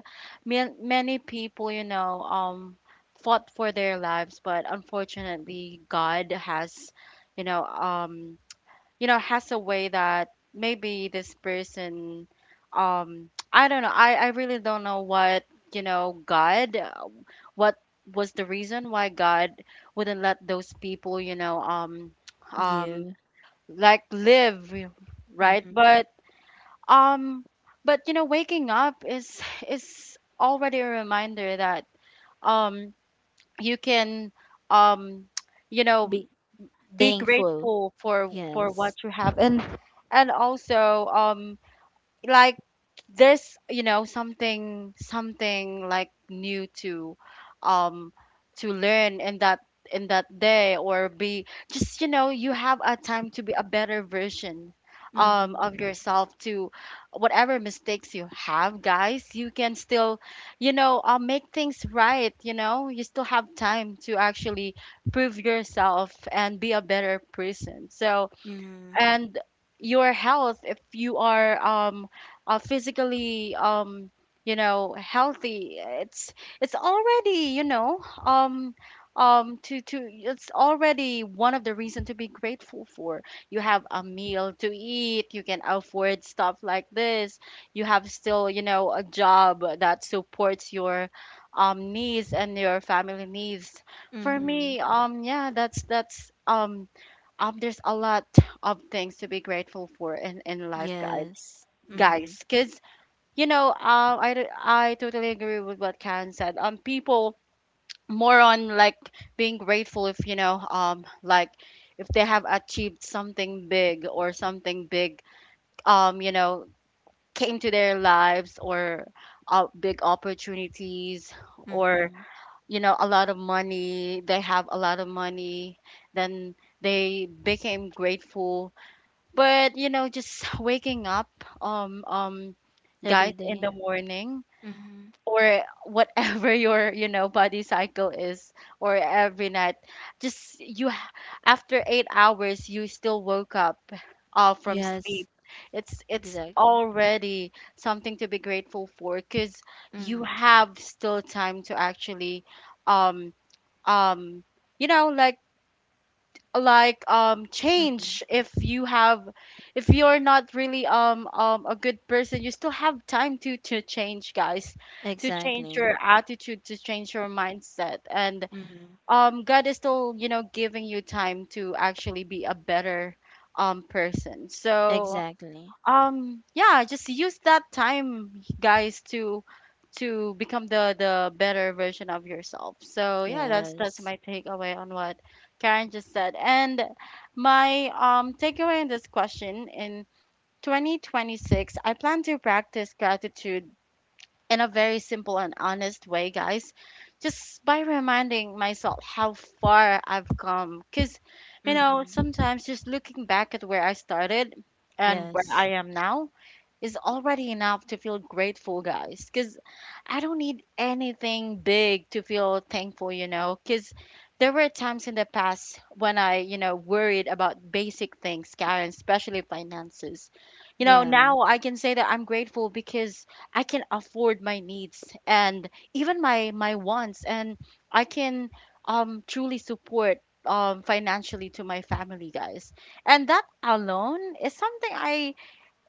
S1: man- many people, fought for their lives, but unfortunately, God has, you know, um, you know has a way that maybe this person I don't know, I really don't know what God what was the reason why God wouldn't let those people, you know
S2: Yeah.
S1: um like, live right,
S2: Mm-hmm.
S1: um but you know waking up is already a reminder that um you can um you know
S2: Be
S1: be
S2: thankful.
S1: grateful for
S2: Yes.
S1: what you have, and also like there's, you know, something like new um to learn in that day, or be just you know you have a time to be a better version
S2: Mm-hmm.
S1: of yourself. To whatever mistakes you have, guys, you can still you know make things right, you know, you still have time to actually prove yourself and be a better person. So and your health, if you are um physically you know healthy, it's already you know to it's already one of the reason to be grateful for. You have a meal to eat, you can afford stuff like this, you have still you know a job that supports your needs and your family needs. For
S2: Mm-hmm.
S1: me yeah that's that's there's a lot of things to be grateful for in life, guys,
S2: Yes. Mm-hmm.
S1: because you know I totally agree with what Karen said. People more on like being grateful if you know like if they have achieved something big, or something big you know came to their lives, or big opportunities, or
S2: Mm-hmm.
S1: you know a lot of money, they have a lot of money, then they became grateful. But you know, just waking up, um, um,
S2: Every
S1: guys, in
S2: day.
S1: the morning,
S2: Mm-hmm.
S1: or whatever your you know body cycle is, or every night, just after 8 hours, you still woke up, from
S2: Yes.
S1: sleep. It's
S2: Exactly.
S1: already something to be grateful for, because you
S2: Mm-hmm.
S1: have still time to actually, um, um, you know, like
S2: Mm-hmm.
S1: change, if you have if you're not really a good person, you still have time to change, guys, to change
S2: Exactly.
S1: your attitude, to change your mindset, and
S2: Mm-hmm.
S1: God is still you know giving you time to actually be a better person. So
S2: Exactly.
S1: yeah, just use that time, guys, to become the better version of yourself. So yeah that's
S2: Yes.
S1: my takeaway on what Karen just said. And my takeaway in this question: in 2026 I plan to practice gratitude in a very simple and honest way, guys, just by reminding myself how far I've come, because you know
S2: Mm-hmm.
S1: sometimes just looking back at where I started and where
S2: Yes.
S1: I am now is already enough to feel grateful, guys. Because I don't need anything big to feel thankful, you know. Because there were times in the past when you know, worried about basic things, Karen, especially finances. You know,
S2: Yeah.
S1: now I can say that I'm grateful because I can afford my needs and even my wants, and I can truly support financially to my family, guys. And that alone is something I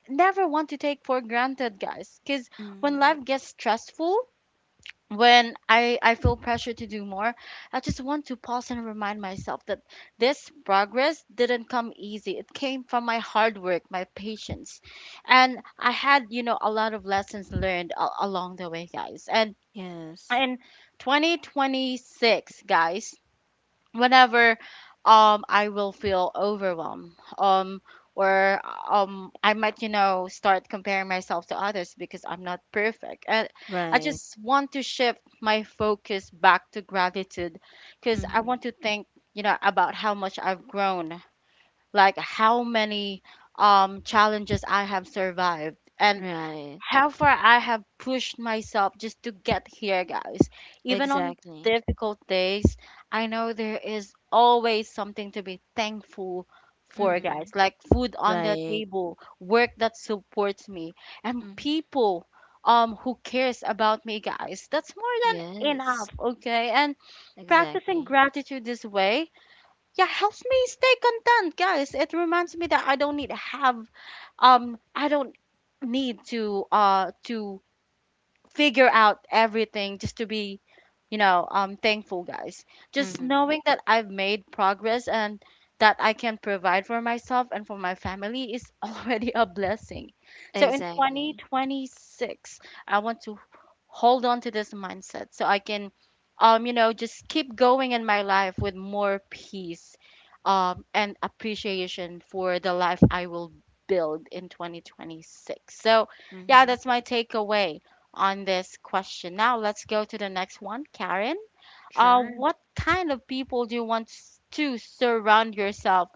S1: never want to take for granted, guys. Because when
S2: Mm-hmm.
S1: life gets stressful, when I feel pressure to do more, I just want to pause and remind myself that this progress didn't come easy. It came from my hard work, my patience. And I had, you know, a lot of lessons learned along the way, guys. And
S2: Yes.
S1: in 2026, guys, whenever I will feel overwhelmed um or I might you know start comparing myself to others because I'm not perfect. And I
S2: Right.
S1: just want to shift my focus back to gratitude because I
S2: Mm-hmm.
S1: want to think you know about how much I've grown, like how many challenges I have survived and
S2: Right.
S1: how far I have pushed myself just to get here, guys. Even on
S2: Exactly.
S1: difficult days, I know there is always something to be thankful for,
S2: Mm-hmm.
S1: guys, like food on the
S2: Right.
S1: table, work that supports me, and
S2: Mm-hmm.
S1: people who cares about me, guys. That's more than
S2: Yes.
S1: enough, okay? And practicing
S2: Exactly.
S1: gratitude this way, yeah, helps me stay content, guys. It reminds me that I don't need to have I don't need to figure out everything just to be you know thankful, guys. Just
S2: Mm-hmm.
S1: knowing that I've made progress and that I can provide for myself and for my family is already a blessing. So in
S2: Exactly.
S1: 2026 I want to hold on to this mindset so I can you know just keep going in my life with more peace and appreciation for the life I will build in 2026. So yeah,
S2: Mm-hmm.
S1: that's my takeaway on this question. Now let's go to the next one, Karen.
S2: Sure.
S1: What kind of people do you want to surround yourself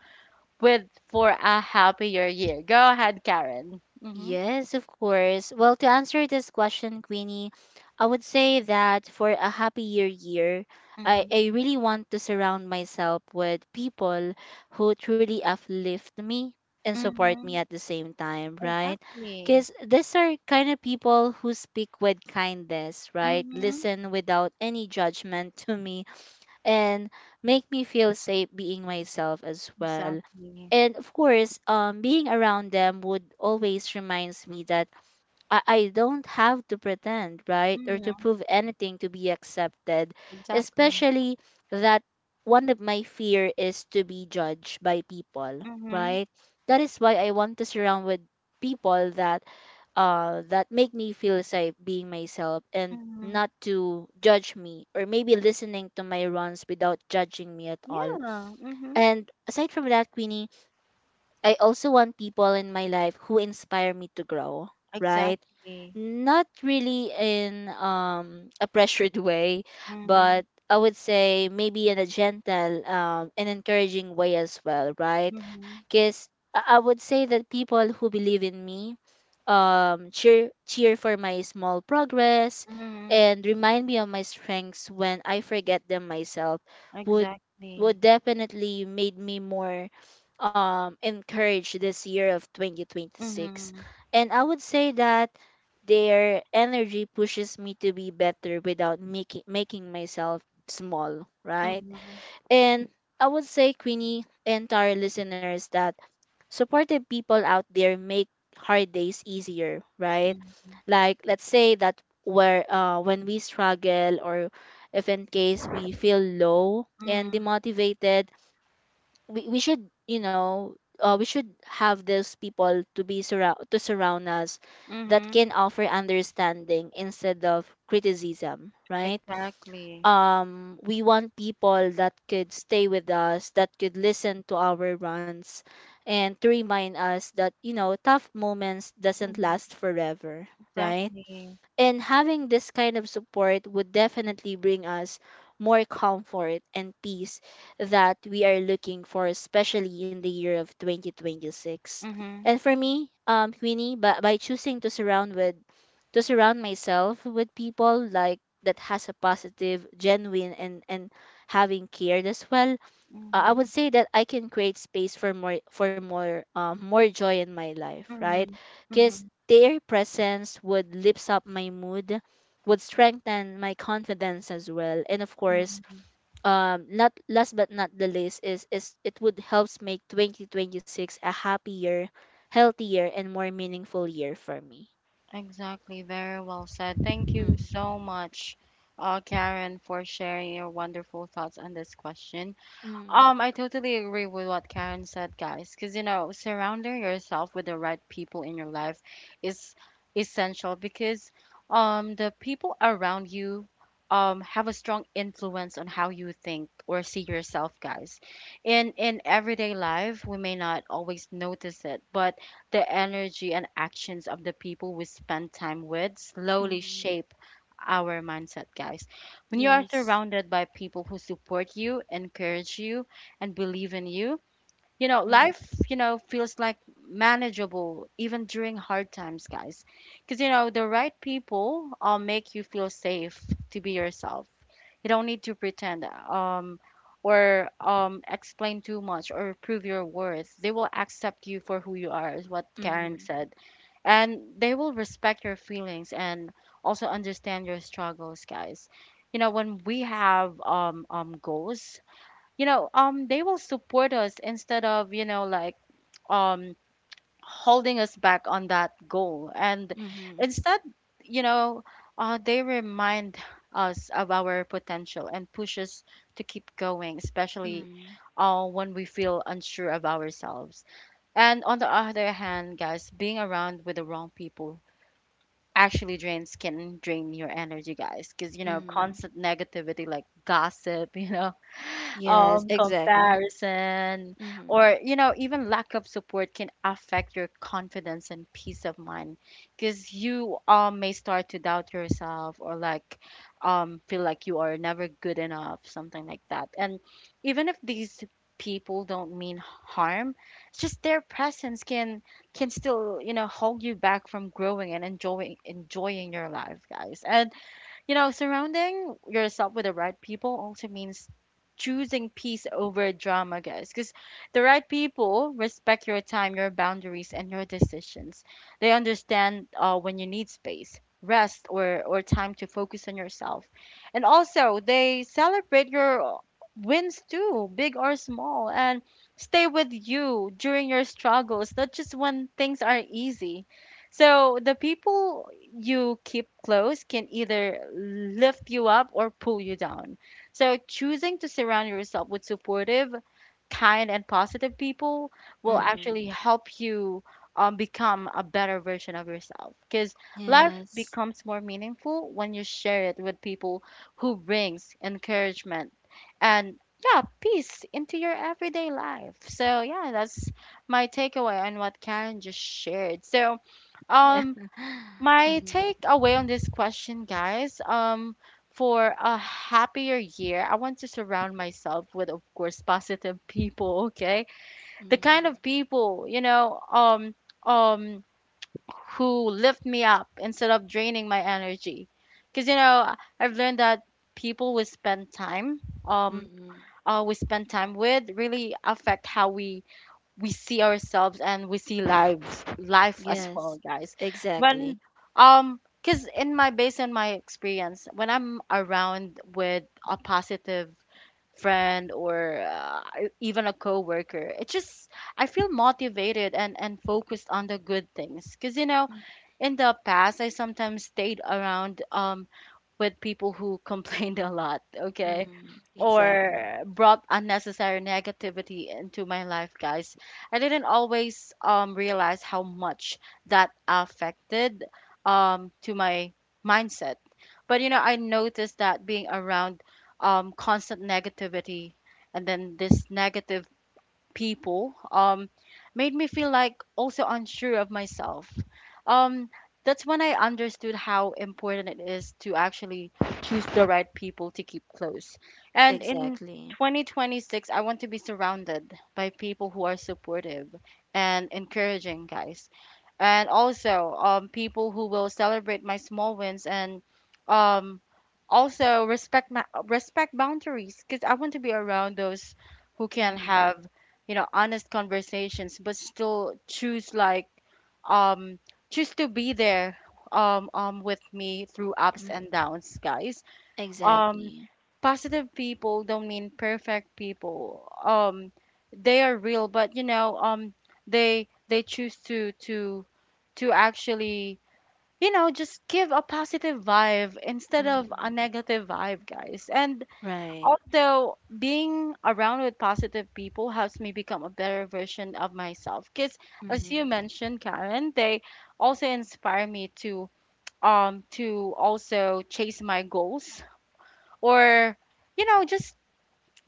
S1: with for a happier year? Go ahead, Karen. Mm-hmm.
S2: Yes, of course. Well, to answer this question, Queenie, I would say that for a happier year, I,
S1: Mm-hmm.
S2: I really want to surround myself with people who truly uplift me and support me
S1: Mm-hmm.
S2: at the same time, right?
S1: Exactly.
S2: Because these are kind of people who speak with kindness, right?
S1: Mm-hmm.
S2: Listen without any judgment to me and make me feel safe being myself as well.
S1: Exactly.
S2: And of course, being around them would always reminds me that I don't have to pretend, right? Or to
S1: Mm-hmm.
S2: prove anything to be accepted.
S1: Exactly.
S2: Especially that one of my fear is to be judged by people,
S1: Mm-hmm.
S2: right? That is why I want to surround with people that that make me feel safe being myself and
S1: Mm-hmm.
S2: not to judge me or maybe listening to my runs without judging me at
S1: Yeah.
S2: all.
S1: Mm-hmm.
S2: And aside from that, Queenie, I also want people in my life who inspire me to grow, right?
S1: Exactly.
S2: Not really in a pressured way,
S1: Mm-hmm.
S2: but I would say maybe in a gentle and encouraging way as well, right?
S1: Mm-hmm.
S2: Because I would say that people who believe in me, um, cheer for my small progress
S1: Mm-hmm.
S2: and remind me of my strengths when I forget them myself, would
S1: Exactly.
S2: would definitely made me more encourage this year of 2026.
S1: Mm-hmm.
S2: And I would say that their energy pushes me to be better without making myself small, right?
S1: Mm-hmm.
S2: And I would say, Queenie, and to our listeners, that supportive people out there make hard days easier, right?
S1: Mm-hmm.
S2: Like let's say that where, when we struggle or if in case we feel low and demotivated, we should, we should have those people to be surround to surround us that
S1: Mhm.
S2: can offer understanding instead of criticism, right?
S1: Exactly.
S2: Um, we want people that could stay with us, that could listen to our runs and to remind us that, you know, tough moments doesn't
S1: Mhm.
S2: last forever, right?
S1: Exactly.
S2: And having this kind of support would definitely bring us more comfort and peace that we are looking for, especially in the year of 2026.
S1: Mhm.
S2: And for me, Queenie, by choosing to surround with to surround myself with people like that has a positive, genuine, and having cared as well, I would
S1: Mhm.
S2: say that I can create space for more, for more, more joy in my life, right?
S1: Mhm.
S2: Because
S1: Mhm.
S2: their presence would lift up my mood, would strengthen my confidence as well, and of course,
S1: Mhm.
S2: not last but not the least is, it would helps make 2026 a happier, healthier, and more meaningful year for me.
S1: Exactly. Very well said. Thank you
S2: Mm,
S1: so much, Karen, for sharing your wonderful thoughts on this question.
S2: mm,
S1: I totally agree with what Karen said, guys, because you know, surrounding yourself with the right people in your life is essential, because the people around you have a strong influence on how you think or see yourself, guys. In everyday life, we may not always notice it, but the energy and actions of the people we spend time with slowly
S2: mm,
S1: shape our mindset, guys. When you are
S2: yes.
S1: surrounded by people who support you, encourage you, and believe in you, you know,
S2: Mm,
S1: life, you know, feels like manageable even during hard times, guys. Because, you know, the right people make you feel safe to be yourself. You don't need to pretend or explain too much or prove your worth. They will accept you for who you are, is what Karen
S2: mm,
S1: said, and they will respect your feelings and also understand your struggles, guys. You know when we have goals, you know they will support us instead of you know like um holding us back on that goal. And
S2: mm,
S1: instead you know they remind us of our potential and push us to keep going, especially
S2: mm,
S1: when we feel unsure of ourselves. And on the other hand, guys, being around with the wrong people actually drains can drain your energy, guys, because you know
S2: mm.
S1: constant negativity, like gossip, you know
S2: Yes, exactly.
S1: comparison,
S2: Mm-hmm.
S1: or you know even lack of support, can affect your confidence and peace of mind, because you may start to doubt yourself, or like feel like you are never good enough, something like that. And even if these people don't mean harm, it's just their presence can still you know hold you back from growing and enjoying your life, guys. And you know, surrounding yourself with the right people also means choosing peace over drama, guys, because the right people respect your time, your boundaries, and your decisions. They understand when you need space, rest, or time to focus on yourself. And also, they celebrate your wins too, big or small, and stay with you during your struggles, not just when things are easy. So the people you keep close can either lift you up or pull you down. So choosing to surround yourself with supportive, kind, and positive people will
S2: Mm-hmm.
S1: actually help you become a better version of yourself. Because life
S2: Yes.
S1: becomes more meaningful when you share it with people who brings encouragement and yeah, peace into your everyday life. So yeah, that's my takeaway on what Karen just shared. So
S2: Yeah.
S1: um, my
S2: Mm-hmm.
S1: takeaway on this question, guys, for a happier year, I want to surround myself with, of course, positive people, okay? The
S2: Mm-hmm.
S1: kind of people, you know, um, who lift me up instead of draining my energy. Because, you know, I've learned that people we spend um,
S2: Mm-hmm.
S1: we spend time with really affect how we see ourselves and we see lives life as well,
S2: Yes.
S1: guys, when
S2: Exactly.
S1: because in my based on my experience when I'm around with a positive friend or even a coworker, it just I feel motivated and focused on the good things, because you know, in the past I sometimes stayed around with people who complained a lot, okay?
S2: Mm-hmm. Exactly.
S1: Or brought unnecessary negativity into my life, guys. I didn't always realize how much that affected to my mindset. But you know, I noticed that being around constant negativity and then this negative people made me feel like also unsure of myself. Um, that's when I understood how important it is to actually choose the right people to keep close. And in
S2: Exactly.
S1: 2026, I want to be surrounded by people who are supportive and encouraging, guys, and also people who will celebrate my small wins and um, also respect my respect boundaries, because I want to be around those who can
S2: Mm-hmm.
S1: have you know honest conversations but still choose um choose to be there with me through ups and
S2: Mm-hmm.
S1: downs, guys. um
S2: Exactly.
S1: Positive people don't mean perfect people. They are real, but you know, they choose to actually, you know, just give a positive vibe instead of
S2: Mm-hmm.
S1: a negative vibe, guys. And
S2: Right.
S1: also, being around with positive people helps me become a better version of myself, because as
S2: Mm-hmm.
S1: you mentioned, Karen, they also inspire me to also chase my goals or you know just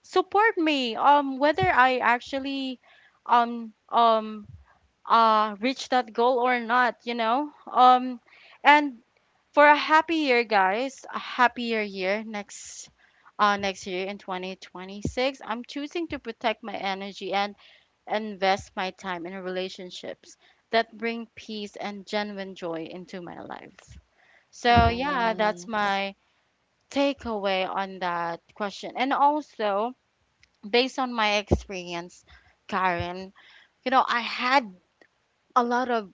S1: support me, whether I actually um um reach that goal or not, you know. And for a happy year, guys, a happier year next next year in 2026, I'm choosing to protect my energy and invest my time in relationships that bring peace and genuine joy into my life. So yeah, that's
S2: Yes.
S1: my takeaway on that question. And also, based on my experience, Karen, you know, I had a lot of,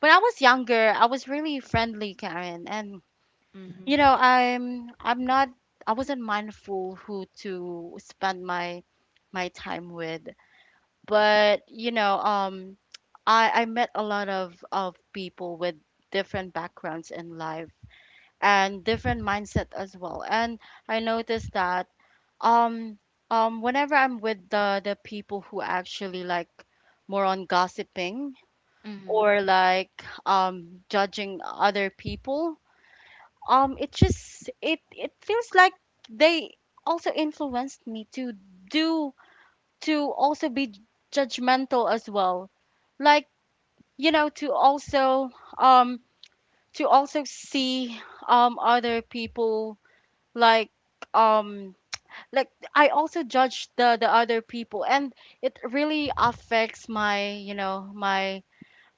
S1: when I was younger, I was really friendly, Karen, and you
S2: Mm-hmm.
S1: know, I wasn't mindful who to spend my time with. But, you know, I met a lot of people with different backgrounds in life and different mindset as well. And I noticed that Um, whenever I'm with the people who actually like more on gossiping
S2: Mm-hmm.
S1: or like judging other people, it just it feels like they also influenced me to do to also be judgmental as well. Like, you know, um to also see other people like um like I also judge the other people, and it really affects my, you know, my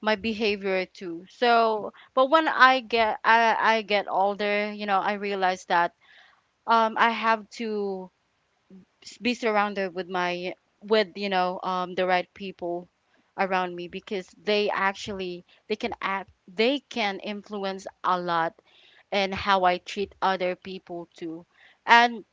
S1: my behavior too. So but when I get older, you know, I realize that I have to be surrounded with my, with, you know, the right people around me, because they actually they can influence a lot in how I treat other people too. And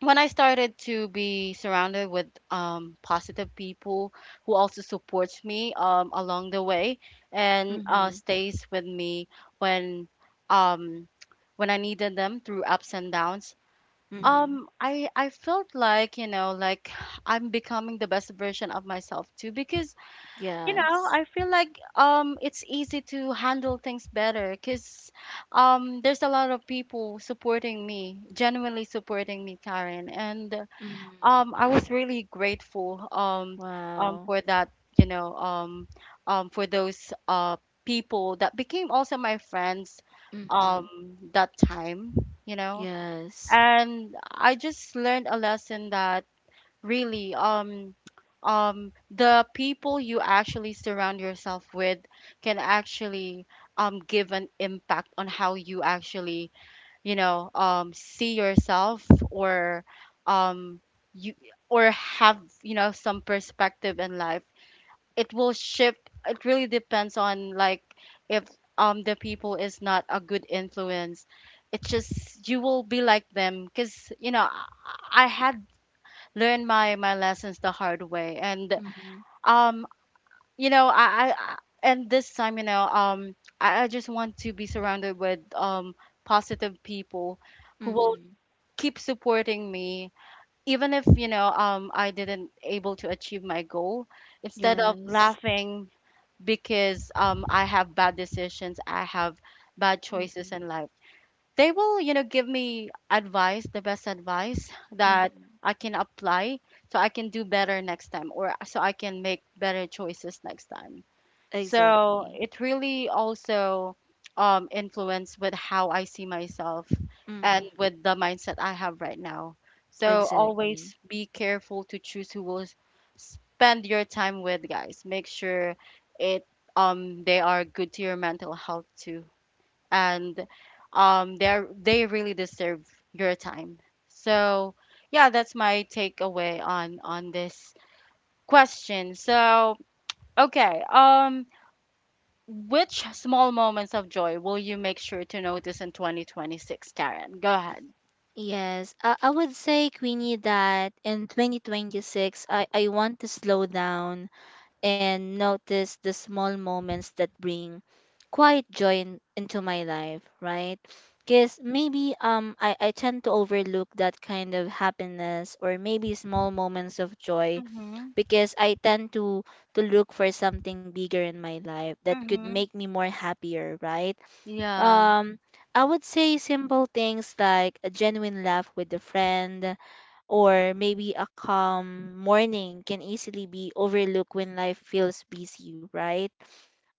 S1: when I started to be surrounded with positive people who also supports me along the way and
S2: Mm-hmm.
S1: stays with me when um, when I needed them through ups and downs.
S2: Mm-hmm.
S1: I felt like, you know, like I'm becoming the best version of myself too, because you know
S2: Yes.
S1: I feel like it's easy to handle things better because there's a lot of people supporting me, genuinely supporting me, Karen. And
S2: Mm-hmm.
S1: I was really grateful
S2: Wow.
S1: for that, you know, for those people that became also my friends um,
S2: Mm-hmm.
S1: that time, you know.
S2: Yes.
S1: And I just learned a lesson that really the people you actually surround yourself with can actually give an impact on how you actually you know see yourself or um you or have you know some perspective in life. It will shift. It really depends on like, if the people is not a good influence, it just you will be like them, because you know I had learned my lessons the hard way. And
S2: Mm-hmm.
S1: um you know and this time, you know, I just want to be surrounded with positive people who will
S2: Mm-hmm.
S1: keep supporting me even if you know I didn't able to achieve my goal, instead of
S2: Yes.
S1: laughing because I have bad decisions, I have bad choices
S2: Mm-hmm.
S1: in life. They will, you know, give me advice, the best advice that
S2: Mm-hmm.
S1: I can apply, so I can do better next time, or so I can make better choices next time. So
S2: Exactly.
S1: it really also influenced with how I see myself and
S2: Mm-hmm.
S1: with the mindset I have right now. So always
S2: Exactly.
S1: be careful to choose who will spend your time with, guys. Make sure it they are good to your mental health too, and they are, they really deserve your time. So yeah, that's my takeaway on this question. So okay, which small moments of joy will you make sure to notice in 2026, Karen? Go ahead.
S2: Yes, I would say, Queenie, that in 2026, I want to slow down and notice the small moments that bring quiet joy into my life, right? Because maybe I tend to overlook that kind of happiness or maybe small moments of joy
S1: Mm-hmm.
S2: because I tend to look for something bigger in my life that could
S1: Mm-hmm.
S2: make me more happier, right?
S1: Yeah.
S2: Um, I would say simple things like a genuine laugh with a friend or maybe a calm morning can easily be overlooked when life feels busy, right?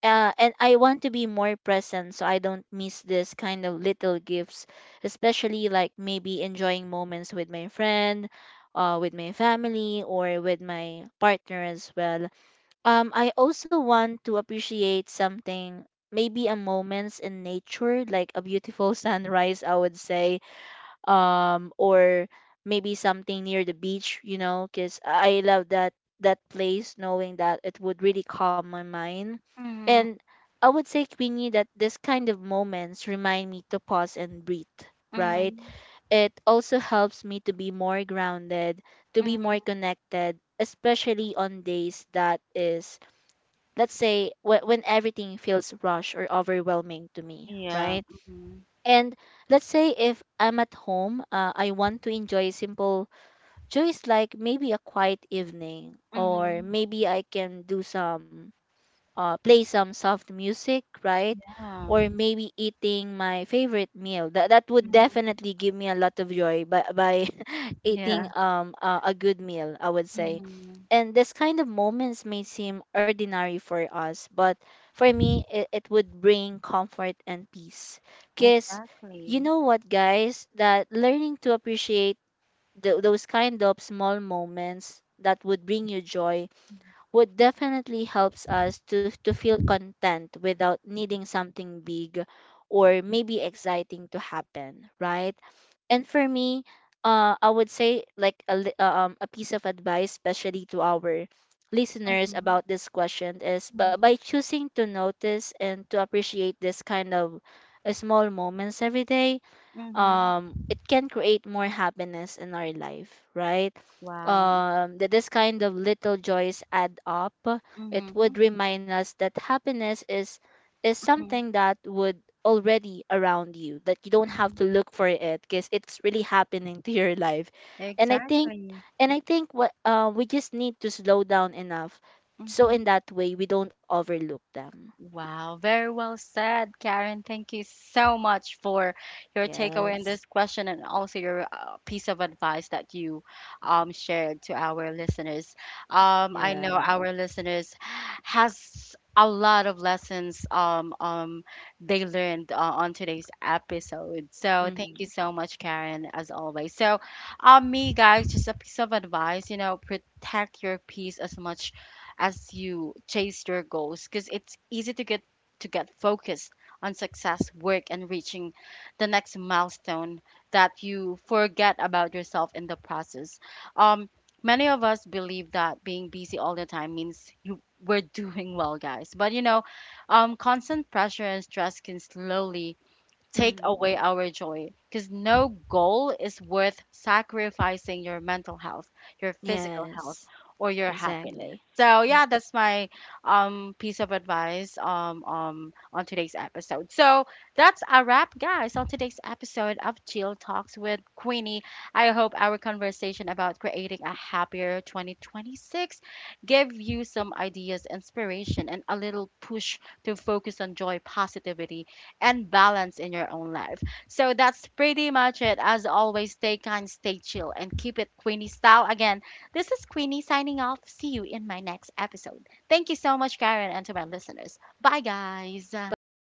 S2: And I want to be more present so I don't miss this kind of little gifts, especially like maybe enjoying moments with my friend, with my family, or with my partner as well. Um, I also want to appreciate something, maybe a moments in nature, like a beautiful sunrise, I would say, or maybe something near the beach, you know, because I love that, that place, knowing that it would really calm my mind.
S1: Mm-hmm.
S2: And I would say, Queenie, that this kind of moments remind me to pause and breathe,
S1: Mm-hmm.
S2: right? It also helps me to be more grounded, to be more connected, especially on days that is, let's say when everything feels rushed or overwhelming to me,
S1: Yeah.
S2: right?
S1: Hmm.
S2: And let's say if I'm at home, I want to enjoy simple joys like maybe a quiet evening, or
S1: Mm-hmm.
S2: maybe I can do some, play some soft music, right?
S1: Yeah.
S2: Or maybe eating my favorite meal. That that would
S1: Mm-hmm.
S2: definitely give me a lot of joy by
S1: Yeah.
S2: eating a good meal, I would say.
S1: Mm-hmm.
S2: And this kind of moments may seem ordinary for us, but for me, it would bring comfort and peace. Cause you
S1: Exactly.
S2: know what, guys, that learning to appreciate those kind of small moments that would bring you joy would definitely helps us to feel content without needing something big or maybe exciting to happen, right? And for me, I would say like a, li- a piece of advice, especially to our listeners
S1: Mm-hmm.
S2: about this question is, but
S1: Mm-hmm.
S2: by choosing to notice and to appreciate this kind of small moments every day,
S1: Mm-hmm.
S2: um, it can create more happiness in our life, right?
S1: Wow.
S2: Um, that this kind of little joys add up. It
S1: Mm-hmm.
S2: would remind us that happiness is
S1: Mm-hmm.
S2: something that would already around you, that you don't have to look for it because it's really happening to your life. and i think
S1: Exactly.
S2: and i think what we just need to slow down enough so
S1: Mm-hmm.
S2: in that way we don't overlook them.
S1: Wow, very well said, Karen. Thank you so much for your takeaway in
S2: Yes.
S1: this question and also your piece of advice that you shared to our listeners. I
S2: Yeah.
S1: know our listeners has a lot of lessons they learned on today's episode. So thank you
S2: Mm-hmm.
S1: so much, Karen, as always. So, me guys, just a piece of advice. You know, protect your peace as much as you chase your goals, because it's easy to get, to get focused on success, work, and reaching the next milestone, that you forget about yourself in the process. Um Many of us believe that being busy all the time means you we're doing well, guys, but you know, constant pressure and stress can slowly take
S2: Mm-hmm.
S1: away our joy, because no goal is worth sacrificing your mental health, your physical health,
S2: Yes.
S1: or your happiness.
S2: Exactly.
S1: So yeah, that's my piece of advice on today's episode. So that's a wrap, guys, on today's episode of Chill Talks with Queenie. I hope our conversation about creating a happier 2026 give you some ideas, inspiration, and a little push to focus on joy, positivity, and balance in your own life. So that's pretty much it. As always, stay kind, stay chill, and keep it Queenie style. Again, this is Queenie signing off. See you in my next episode. Thank you so much, Karen, and to my listeners. Bye, guys.
S2: Bye.